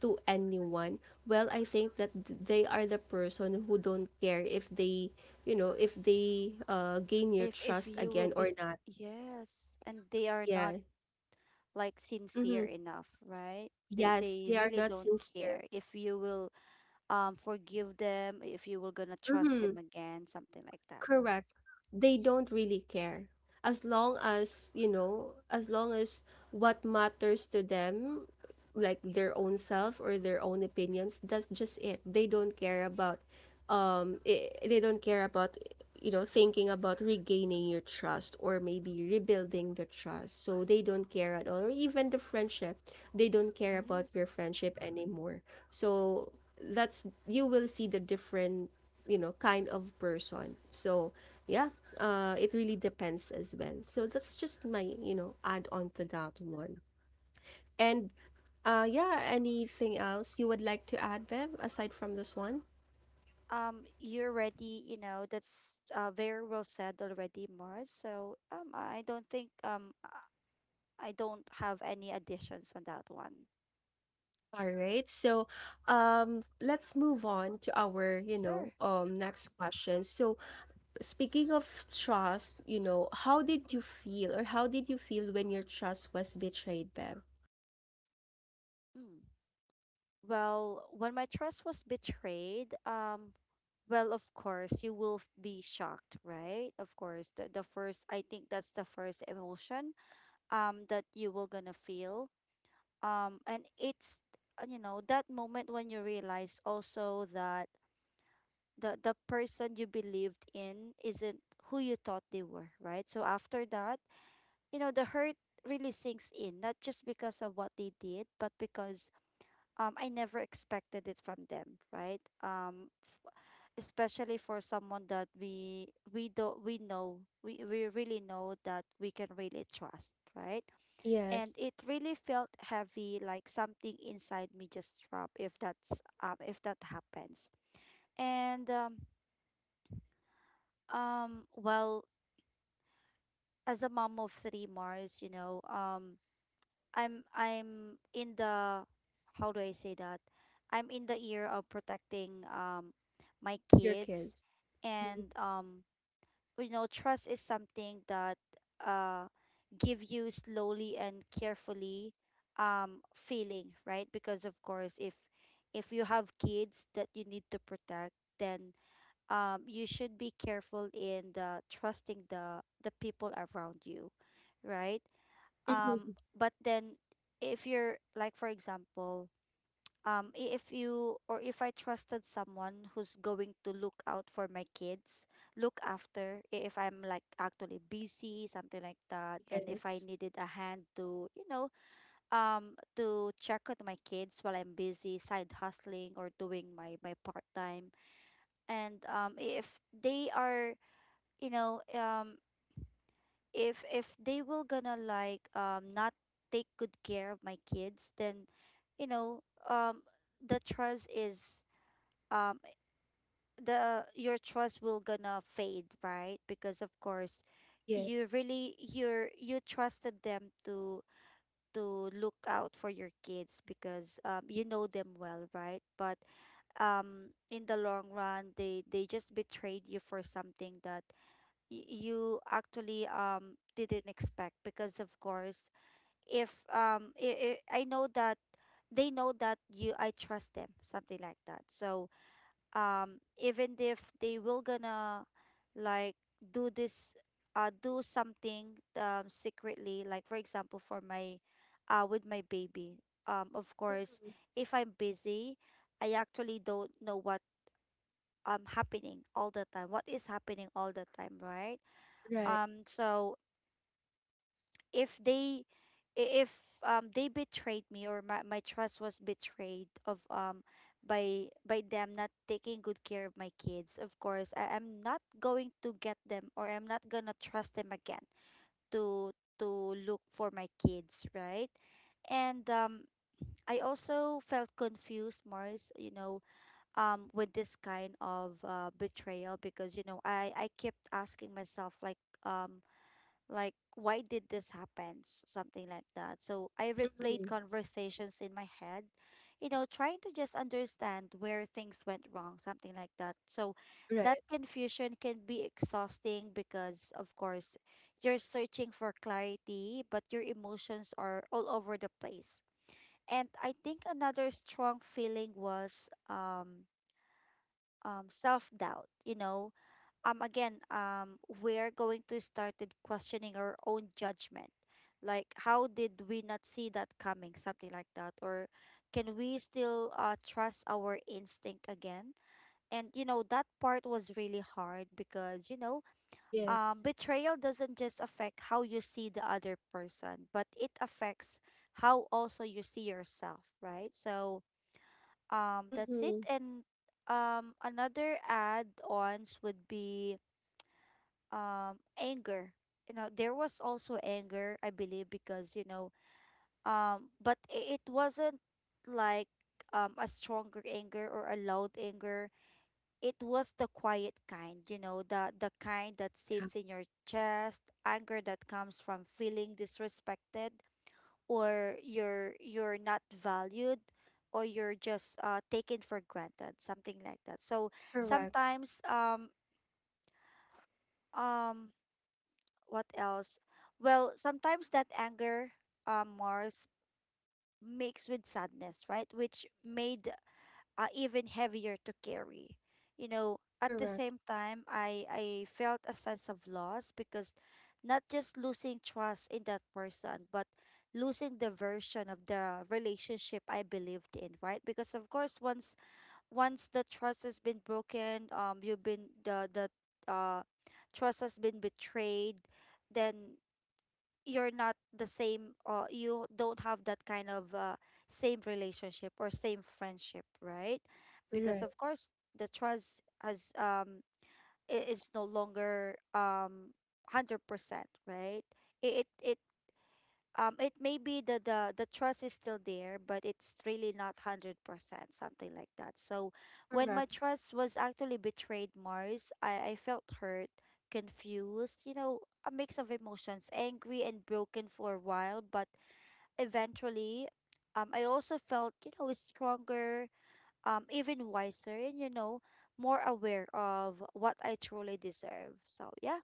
[SPEAKER 1] to anyone, well, I think that they are the person who don't care if they, you know, if they gain your
[SPEAKER 2] If
[SPEAKER 1] trust
[SPEAKER 2] you will
[SPEAKER 1] again
[SPEAKER 2] be,
[SPEAKER 1] or not.
[SPEAKER 2] yes, and they are not
[SPEAKER 1] Yeah.
[SPEAKER 2] like
[SPEAKER 1] Mm-hmm.
[SPEAKER 2] sincere enough, right? They
[SPEAKER 1] Yes,
[SPEAKER 2] they
[SPEAKER 1] they are
[SPEAKER 2] really
[SPEAKER 1] not
[SPEAKER 2] don't
[SPEAKER 1] sincere.
[SPEAKER 2] care if you will forgive them, if you will gonna trust
[SPEAKER 1] Mm-hmm.
[SPEAKER 2] them again, something like that.
[SPEAKER 1] Correct. They don't really care. As long as, you know, as long as what matters to them, like their own self or their own opinions, that's just it. They don't care about I they don't care about, you know, thinking about regaining your trust or maybe rebuilding the trust. So they don't care at all, or even the friendship. They don't care about your
[SPEAKER 2] Yes.
[SPEAKER 1] friendship anymore. So that's, you will see the different, you know, kind of person. So yeah. It really depends as well. So that's just my, you know, add on to that one. And yeah, anything else you would like to add, Bev, aside from this one?
[SPEAKER 2] You're ready, you know, that's very well said already, Mars. So I don't have any additions on that one.
[SPEAKER 1] All right, so let's move on to our, you
[SPEAKER 2] Sure.
[SPEAKER 1] know, next question. So speaking of trust, you know, how did you feel, or how did you feel when your trust was betrayed, Bev?
[SPEAKER 2] Mm. Well, when my trust was betrayed, well, of course, you will be shocked, right? Of course, the first, I think that's the first emotion, that you will gonna feel. And it's, you know, that moment when you realize also that the person you believed in isn't who you thought they were, right? So after that, you know, the hurt really sinks in, not just because of what they did, but because, I never expected it from them, right? Especially for someone that we do we know we really know that we can really trust, right? And
[SPEAKER 1] Yes.
[SPEAKER 2] it really felt heavy, like something inside me just dropped, if that's, if that happens. And well, as a mom of three, Mars, you know, I'm in the, how do I say that? I'm in the year of protecting my
[SPEAKER 1] Your
[SPEAKER 2] kids,
[SPEAKER 1] kids. Mhm.
[SPEAKER 2] and you know, trust is something that uh give you slowly and carefully feeling, right? Because of course, if you have kids that you need to protect, then you should be careful in the trusting the people around you, right? Um,
[SPEAKER 1] Mhm.
[SPEAKER 2] but then if you're like for example, if you or if I trusted someone who's going to look out for my kids, look after if I'm like actually busy, something like that, and if I
[SPEAKER 1] Yes.
[SPEAKER 2] needed a hand to, to check on my kids while I'm busy side hustling or doing my part time and if they are you know um if they will gonna like not take good care of my kids then you know um the trust is um the your trust will gonna fade, right? Because of course you
[SPEAKER 1] Yes.
[SPEAKER 2] really you trusted them to look out for your kids because you know them well, right? But in the long run they just betrayed you for something that you actually didn't expect. Because of course if I know that they know that you I trust them, something like that. So even if they will gonna like do this, do something secretly, like for example for my with my baby, of course
[SPEAKER 1] Mhm.
[SPEAKER 2] if I'm busy I actually don't know what happening all the time, what is happening all the time, right?
[SPEAKER 1] Right.
[SPEAKER 2] So if they if they betrayed me or my trust was betrayed of by them not taking good care of my kids, of course I'm not going to get them or I'm not gonna trust them again to to look for my kids, right? And I also felt confused, Mars, you know, with this kind of betrayal, because you know I kept asking myself like why did this happen, something like that. So I replayed
[SPEAKER 1] Mhm.
[SPEAKER 2] conversations in my head, you know, trying to just understand where things went wrong, something like that. So that
[SPEAKER 1] Right.
[SPEAKER 2] confusion can be exhausting because of course you're searching for clarity but your emotions are all over the place. And I think another strong feeling was self doubt, you know, again, we're going to started questioning our own judgment, like how did we not see that coming, something like that, or can we still trust our instinct again. And you know that part was really hard because you know
[SPEAKER 1] Yes.
[SPEAKER 2] betrayal doesn't just affect how you see the other person but it affects how also you see yourself, right? So that's it.
[SPEAKER 1] Mhm.
[SPEAKER 2] And another add-ons would be anger. You know, there was also anger I believe, because you know but it wasn't like a stronger anger or a loud anger, it was the quiet kind, you know, the kind that
[SPEAKER 1] Yeah.
[SPEAKER 2] sits in your chest, anger that comes from feeling disrespected, or you're not valued, or you're just taken for granted, something like that. So
[SPEAKER 1] Correct.
[SPEAKER 2] sometimes um what else? Well, sometimes that anger, Mars, mixed with sadness, right? Which made even heavier to carry. You know, at the
[SPEAKER 1] Correct.
[SPEAKER 2] same time, I felt a sense of loss because not just losing trust in that person, but losing the version of the relationship I believed in, right? Because of course, once once the trust has been broken, you've been the uh, trust has been betrayed, then you're not the same, you don't have that kind of same relationship or same friendship, right? Because
[SPEAKER 1] Right.
[SPEAKER 2] of course the trust has is no longer 100%, right? It it may be the the trust is still there but it's really not 100%, something like that. So when my
[SPEAKER 1] Correct.
[SPEAKER 2] trust was actually betrayed, Mars, I felt hurt, confused, you know, a mix of emotions, angry and broken for a while. But eventually I also felt, you know, stronger, even wiser, and you know more aware of what I truly deserve. So yeah.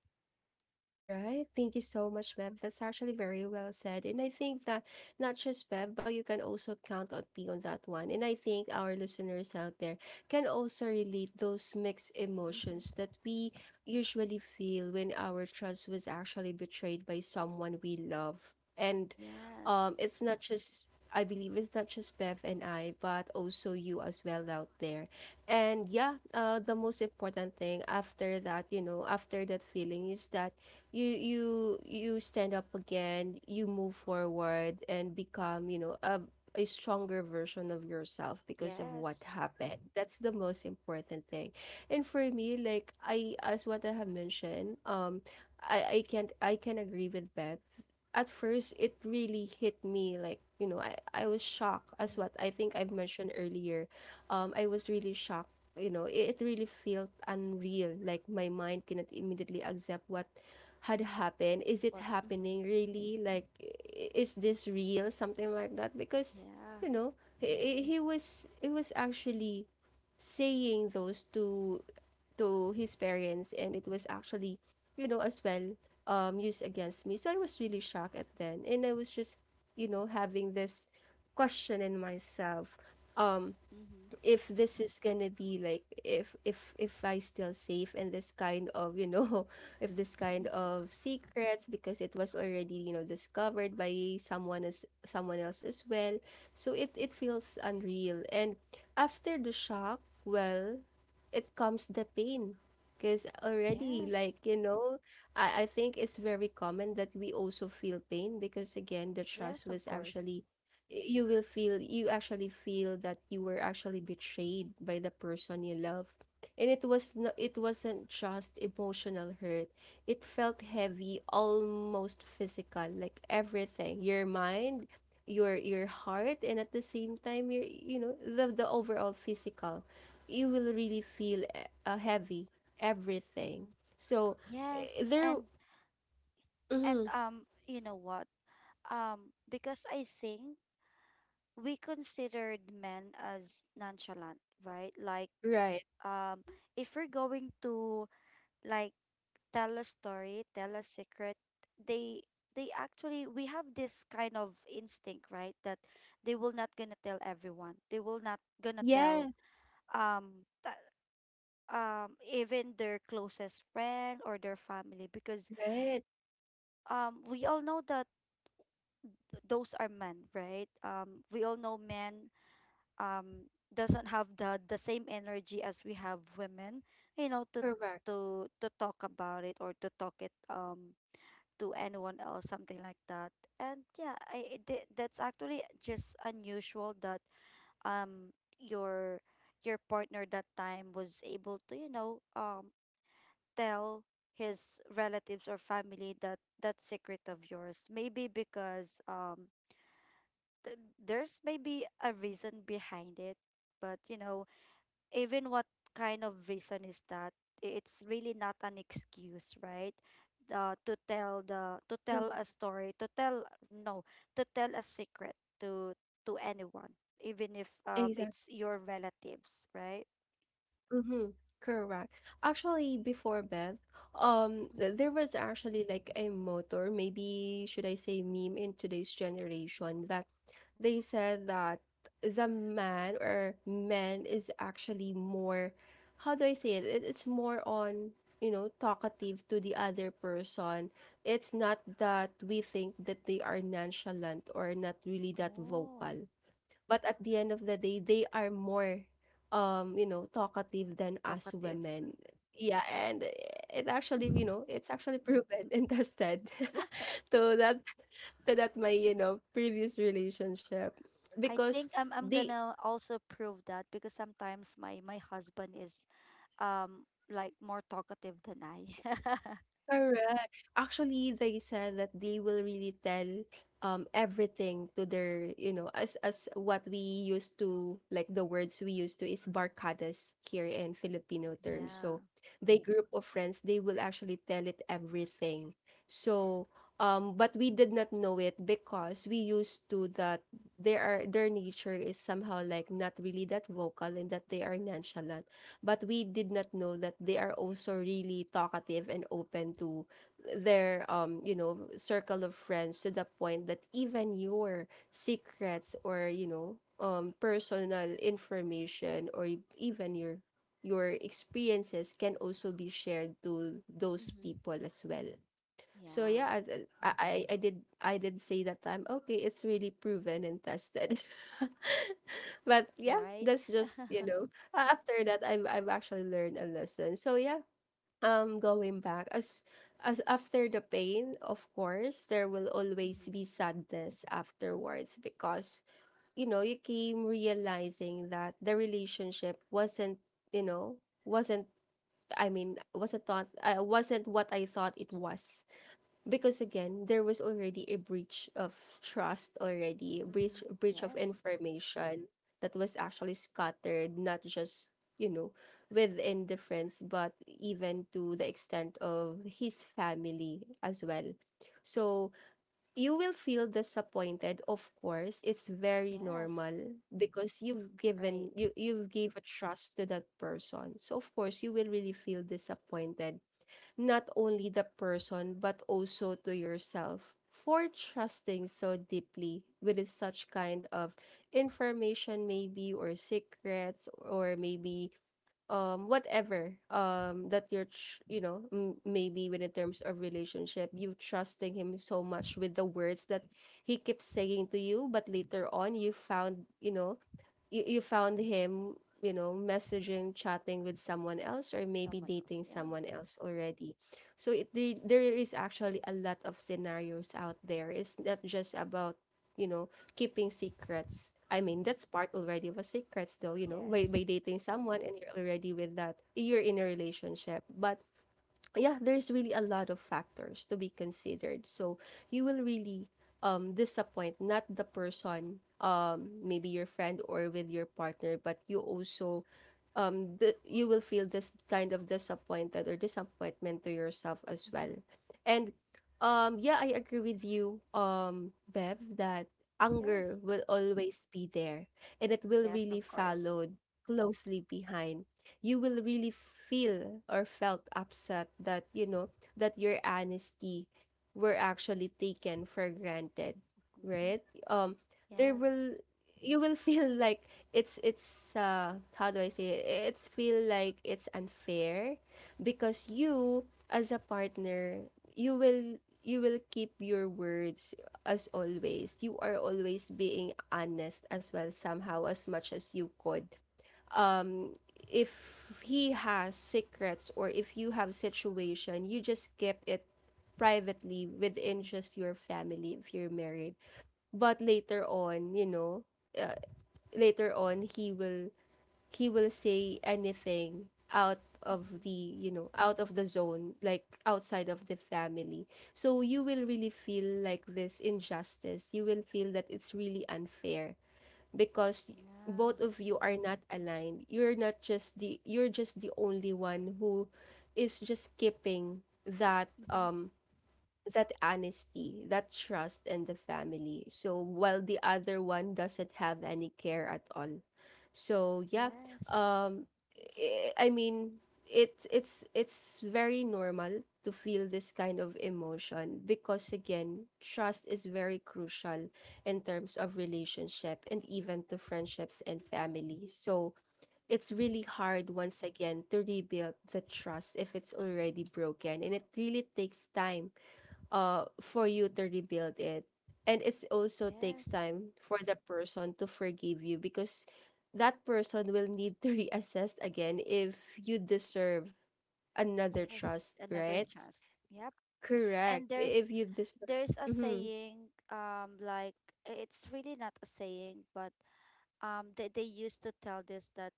[SPEAKER 1] Right. Thank you so much, Bev. That's actually very well said. And I think that not just Bev, but you can also count on me on that one. And I think our listeners out there can also relate those mixed
[SPEAKER 2] Mm-hmm.
[SPEAKER 1] emotions that we usually feel when our trust was actually betrayed by someone we love. And
[SPEAKER 2] Yes.
[SPEAKER 1] it's not just, I believe it's not just Bev and I, but also you as well out there. And yeah, the most important thing after that, you know, after that feeling, is that you you stand up again, you move forward and become, you know, a stronger version of yourself because of what
[SPEAKER 2] Yes.
[SPEAKER 1] happened. That's the most important thing. And for me, like I, as what I have mentioned, I can't, I can agree with Beth. At first it really hit me, like, you know, I was shocked, as
[SPEAKER 2] Mm-hmm.
[SPEAKER 1] what I think I've mentioned earlier. I was really shocked, you know, it really felt unreal, like my mind cannot immediately accept what had happened. Is it
[SPEAKER 2] What? Mm-hmm.
[SPEAKER 1] happening really, like is this real, something like that? Because
[SPEAKER 2] Yeah.
[SPEAKER 1] you know, he was actually saying those to his parents, and it was actually, you know, as well, used against me. So I was really shocked at then, and I was just, you know, having this question in myself. Um,
[SPEAKER 2] Mm-hmm.
[SPEAKER 1] if this is gonna be like, if if I still safe in this kind of, you know, if this kind of secrets, because it was already, you know, discovered by someone as someone else as well. So it feels unreal. And after the shock, well, it comes the pain, because already
[SPEAKER 2] Yes.
[SPEAKER 1] like, you know, I think it's very common that we also feel pain, because again, the trust
[SPEAKER 2] Yes, of
[SPEAKER 1] was
[SPEAKER 2] course.
[SPEAKER 1] actually, you will feel, you actually feel that you were actually betrayed by the person you love. And it was no, it wasn't just emotional hurt, it felt heavy, almost physical, like everything, your mind, your heart, and at the same time, your, you know, the overall physical, you will really feel heavy everything.
[SPEAKER 2] Mm-hmm.
[SPEAKER 1] So eh,
[SPEAKER 2] Yes,
[SPEAKER 1] there
[SPEAKER 2] and
[SPEAKER 1] mhm,
[SPEAKER 2] you know what? Because I think we considered men as nonchalant, right? Like
[SPEAKER 1] right.
[SPEAKER 2] um, if we're going to like tell a story, tell a secret, they they actually we have this kind of instinct, right? That they will not gonna tell everyone. They will not gonna tell
[SPEAKER 1] Yes.
[SPEAKER 2] um th- even their closest friend or their family, because
[SPEAKER 1] Right.
[SPEAKER 2] we all know that those are men, right? We all know men doesn't have the same energy as we have women, you know, to
[SPEAKER 1] Correct.
[SPEAKER 2] to talk about it or to talk it to anyone else, something like that. And yeah, that's actually just unusual that um your your partner that time was able to tell his relatives or family that that secret of yours. Maybe because there's maybe a reason behind it, but you know even what kind of reason is that, it's really not an excuse, right? To tell the to tell a story, to tell, no, to tell a secret to anyone, even if
[SPEAKER 1] Correct.
[SPEAKER 2] it's your relatives, right?
[SPEAKER 1] Mhm, correct. Actually, before bed,
[SPEAKER 2] Mhm.
[SPEAKER 1] there was actually like a motor, maybe should I say meme in today's generation, that they said that the man or men is actually more, how do I say it? It's more on, you know, talkative to the other person. It's not that we think that they are nonchalant or not really that
[SPEAKER 2] Oh.
[SPEAKER 1] vocal, but at the end of the day, they are more, you know, talkative than us
[SPEAKER 2] Talkative.
[SPEAKER 1] women. Yeah. And it actually, you know, it's actually proven and tested to that, my, you know, previous relationship.
[SPEAKER 2] I
[SPEAKER 1] Because
[SPEAKER 2] think I'm
[SPEAKER 1] they
[SPEAKER 2] gonna also prove that, because sometimes my my husband is like more talkative than I.
[SPEAKER 1] Correct. Actually, they said that they will really tell everything to their, you know, as what we used to like, the words we used to is barkadas here in Filipino terms.
[SPEAKER 2] Yeah.
[SPEAKER 1] So they group of friends, they will actually tell it everything. So but we did not know it, because we used to that they are their nature is somehow like not really that vocal and that they are nonchalant, but we did not know that they are also really talkative and open to their, you know, circle of friends, to the point that even your secrets, or you know, personal information, or even your experiences can also be shared to those
[SPEAKER 2] Mm-hmm.
[SPEAKER 1] people as well. So
[SPEAKER 2] Yeah.
[SPEAKER 1] yeah, I did, I did say that time, okay, it's really proven and tested. But yeah,
[SPEAKER 2] Right?
[SPEAKER 1] that's just, you know, after that I've actually learned a lesson. So yeah, going back as after the pain, of course, there will always
[SPEAKER 2] Mm-hmm.
[SPEAKER 1] be sadness afterwards because you know, you came realizing that the relationship wasn't, you know, wasn't I mean, wasn't thought wasn't what I thought it was, because again there was already a breach of trust, already a
[SPEAKER 2] Mm-hmm.
[SPEAKER 1] breach of
[SPEAKER 2] Yes.
[SPEAKER 1] information that was actually scattered, not just you know within the friends, but even to the extent of his family as well. So you will feel disappointed, of course, it's very
[SPEAKER 2] Yes.
[SPEAKER 1] normal, because you've given
[SPEAKER 2] Right.
[SPEAKER 1] you've gave a trust to that person, so of course you will really feel disappointed, not only the person but also to yourself, for trusting so deeply with such kind of information maybe, or secrets, or maybe whatever, that you know, maybe when in terms of relationship you trusting him so much with the words that he keeps saying to you, but later on you found, you know, you found him, you know, messaging, chatting with someone else, or maybe
[SPEAKER 2] Someone else.
[SPEAKER 1] dating
[SPEAKER 2] Yeah.
[SPEAKER 1] someone else already. So there is actually a lot of scenarios out there. It's not just about, you know, keeping secrets. I mean, that's part already of a secrets, though, you know, by
[SPEAKER 2] Yes.
[SPEAKER 1] dating someone and you're already with that, you're in a relationship. But yeah, there's really a lot of factors to be considered. So you will really disappoint not the person, maybe your friend or with your partner, but you also, you will feel this kind of disappointed or disappointment to yourself as well.
[SPEAKER 2] Mm-hmm.
[SPEAKER 1] And yeah, I agree with you, Bev, that anger
[SPEAKER 2] Yes.
[SPEAKER 1] will always be there, and it will
[SPEAKER 2] Yes,
[SPEAKER 1] really
[SPEAKER 2] of course.
[SPEAKER 1] followed closely behind. You will really feel or felt upset that you know that your honesty were actually taken for granted,
[SPEAKER 2] Mm-hmm.
[SPEAKER 1] right? um there
[SPEAKER 2] Yes.
[SPEAKER 1] will, you will feel like it's how do I say it, it's feel like it's unfair, because you, as a partner, you will you will keep your words, as always you are always being honest as well, somehow as much as you could. um if he has secrets, or if you have situation, you just keep it privately within just your family if you're married. But later on, you know, uh, later on he will say anything out
[SPEAKER 2] Mm-hmm.
[SPEAKER 1] of the, you know, out of the zone, like outside of the family. So you will really feel like this injustice, you will feel that it's really unfair, because
[SPEAKER 2] Yeah.
[SPEAKER 1] both of you are not aligned. You're not just the you're just the only one who is just keeping
[SPEAKER 2] Keep-
[SPEAKER 1] that
[SPEAKER 2] Mm-hmm.
[SPEAKER 1] that honesty, that trust in the family. So while the other one doesn't have any care at all. So yeah,
[SPEAKER 2] Yes.
[SPEAKER 1] um I mean it's it's very normal to feel this kind of emotion, because again trust is very crucial in terms of relationship and even to friendships and family. So it's
[SPEAKER 2] Mm-hmm.
[SPEAKER 1] really hard once again to rebuild the trust if it's already broken, and it really takes time for you to rebuild it. And it also takes
[SPEAKER 2] Yes.
[SPEAKER 1] time for the person to forgive you, because that person will need to reassess again if you deserve another
[SPEAKER 2] Yes.
[SPEAKER 1] trust,
[SPEAKER 2] Another
[SPEAKER 1] right?
[SPEAKER 2] chance. Yep.
[SPEAKER 1] Correct,
[SPEAKER 2] And
[SPEAKER 1] if you deserve.
[SPEAKER 2] there's a
[SPEAKER 1] Mm-hmm.
[SPEAKER 2] saying, like it's really not a saying, but they used to tell this that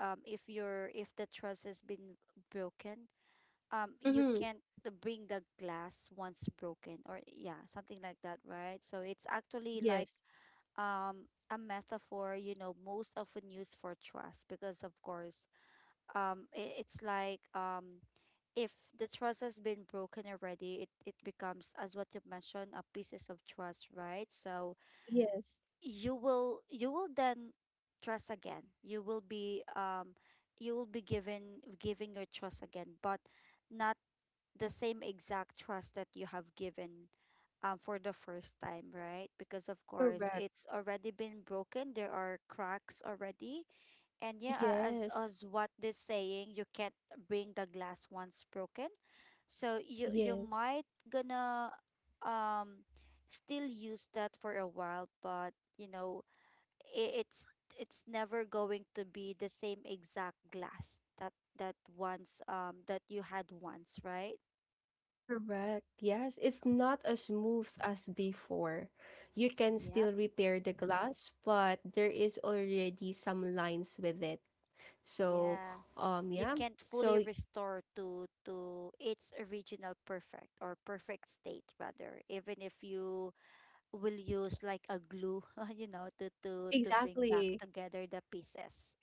[SPEAKER 2] if your if the trust has been broken, you
[SPEAKER 1] Mm-hmm.
[SPEAKER 2] can't bring the glass once broken, or yeah, something like that, right? So it's actually like
[SPEAKER 1] Yes.
[SPEAKER 2] um a metaphor, you know, most often used for trust, because of course it, it's like if the trust has been broken already, it becomes, as what you mentioned, a pieces of trust, right? So
[SPEAKER 1] Yes.
[SPEAKER 2] you will then trust again, you will be given giving your trust again, but not the same exact trust that you have given for the first time, right? Because of course
[SPEAKER 1] Correct.
[SPEAKER 2] it's already been broken. There are cracks already, and yeah,
[SPEAKER 1] Yes.
[SPEAKER 2] as what this saying, you can't bring the glass once broken. So you
[SPEAKER 1] Yes.
[SPEAKER 2] might gonna um still use that for a while, but you know I it's never going to be the same exact glass that that once that you had once, right?
[SPEAKER 1] Correct. Yes, it's not as smooth as before. You can
[SPEAKER 2] Yep,
[SPEAKER 1] still repair the glass, but there is already some lines with it. So,
[SPEAKER 2] yeah. You
[SPEAKER 1] yeah.
[SPEAKER 2] can't fully
[SPEAKER 1] So
[SPEAKER 2] restore to its original perfect, or perfect state rather, even if you will use like a glue, you know, to to bring back
[SPEAKER 1] exactly.
[SPEAKER 2] together the pieces.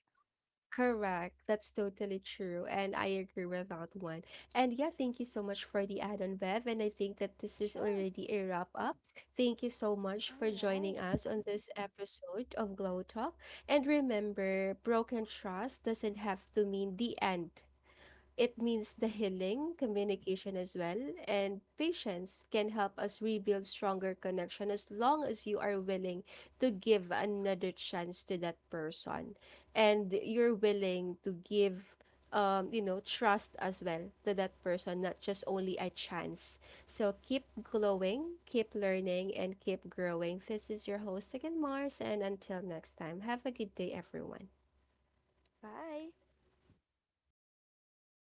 [SPEAKER 1] Correct. That's totally true. And I agree with that one. And yeah, thank you so much for the add-on, Bev. And I think that this is
[SPEAKER 2] Sure.
[SPEAKER 1] already a wrap up. Thank you so much
[SPEAKER 2] All
[SPEAKER 1] for joining
[SPEAKER 2] right.
[SPEAKER 1] us on this episode of Glow Talk. And remember, broken trust doesn't have to mean the end. It means the
[SPEAKER 2] Mm-hmm.
[SPEAKER 1] healing, communication as well, and patience can help us rebuild stronger connection, as long as you are willing to give another chance to that person, and you're willing to give, you know, trust as well to that person, not just only a chance. So keep glowing, keep learning, and keep growing. This is your host again, Mars, and until next time, have a good day, everyone.
[SPEAKER 2] Bye.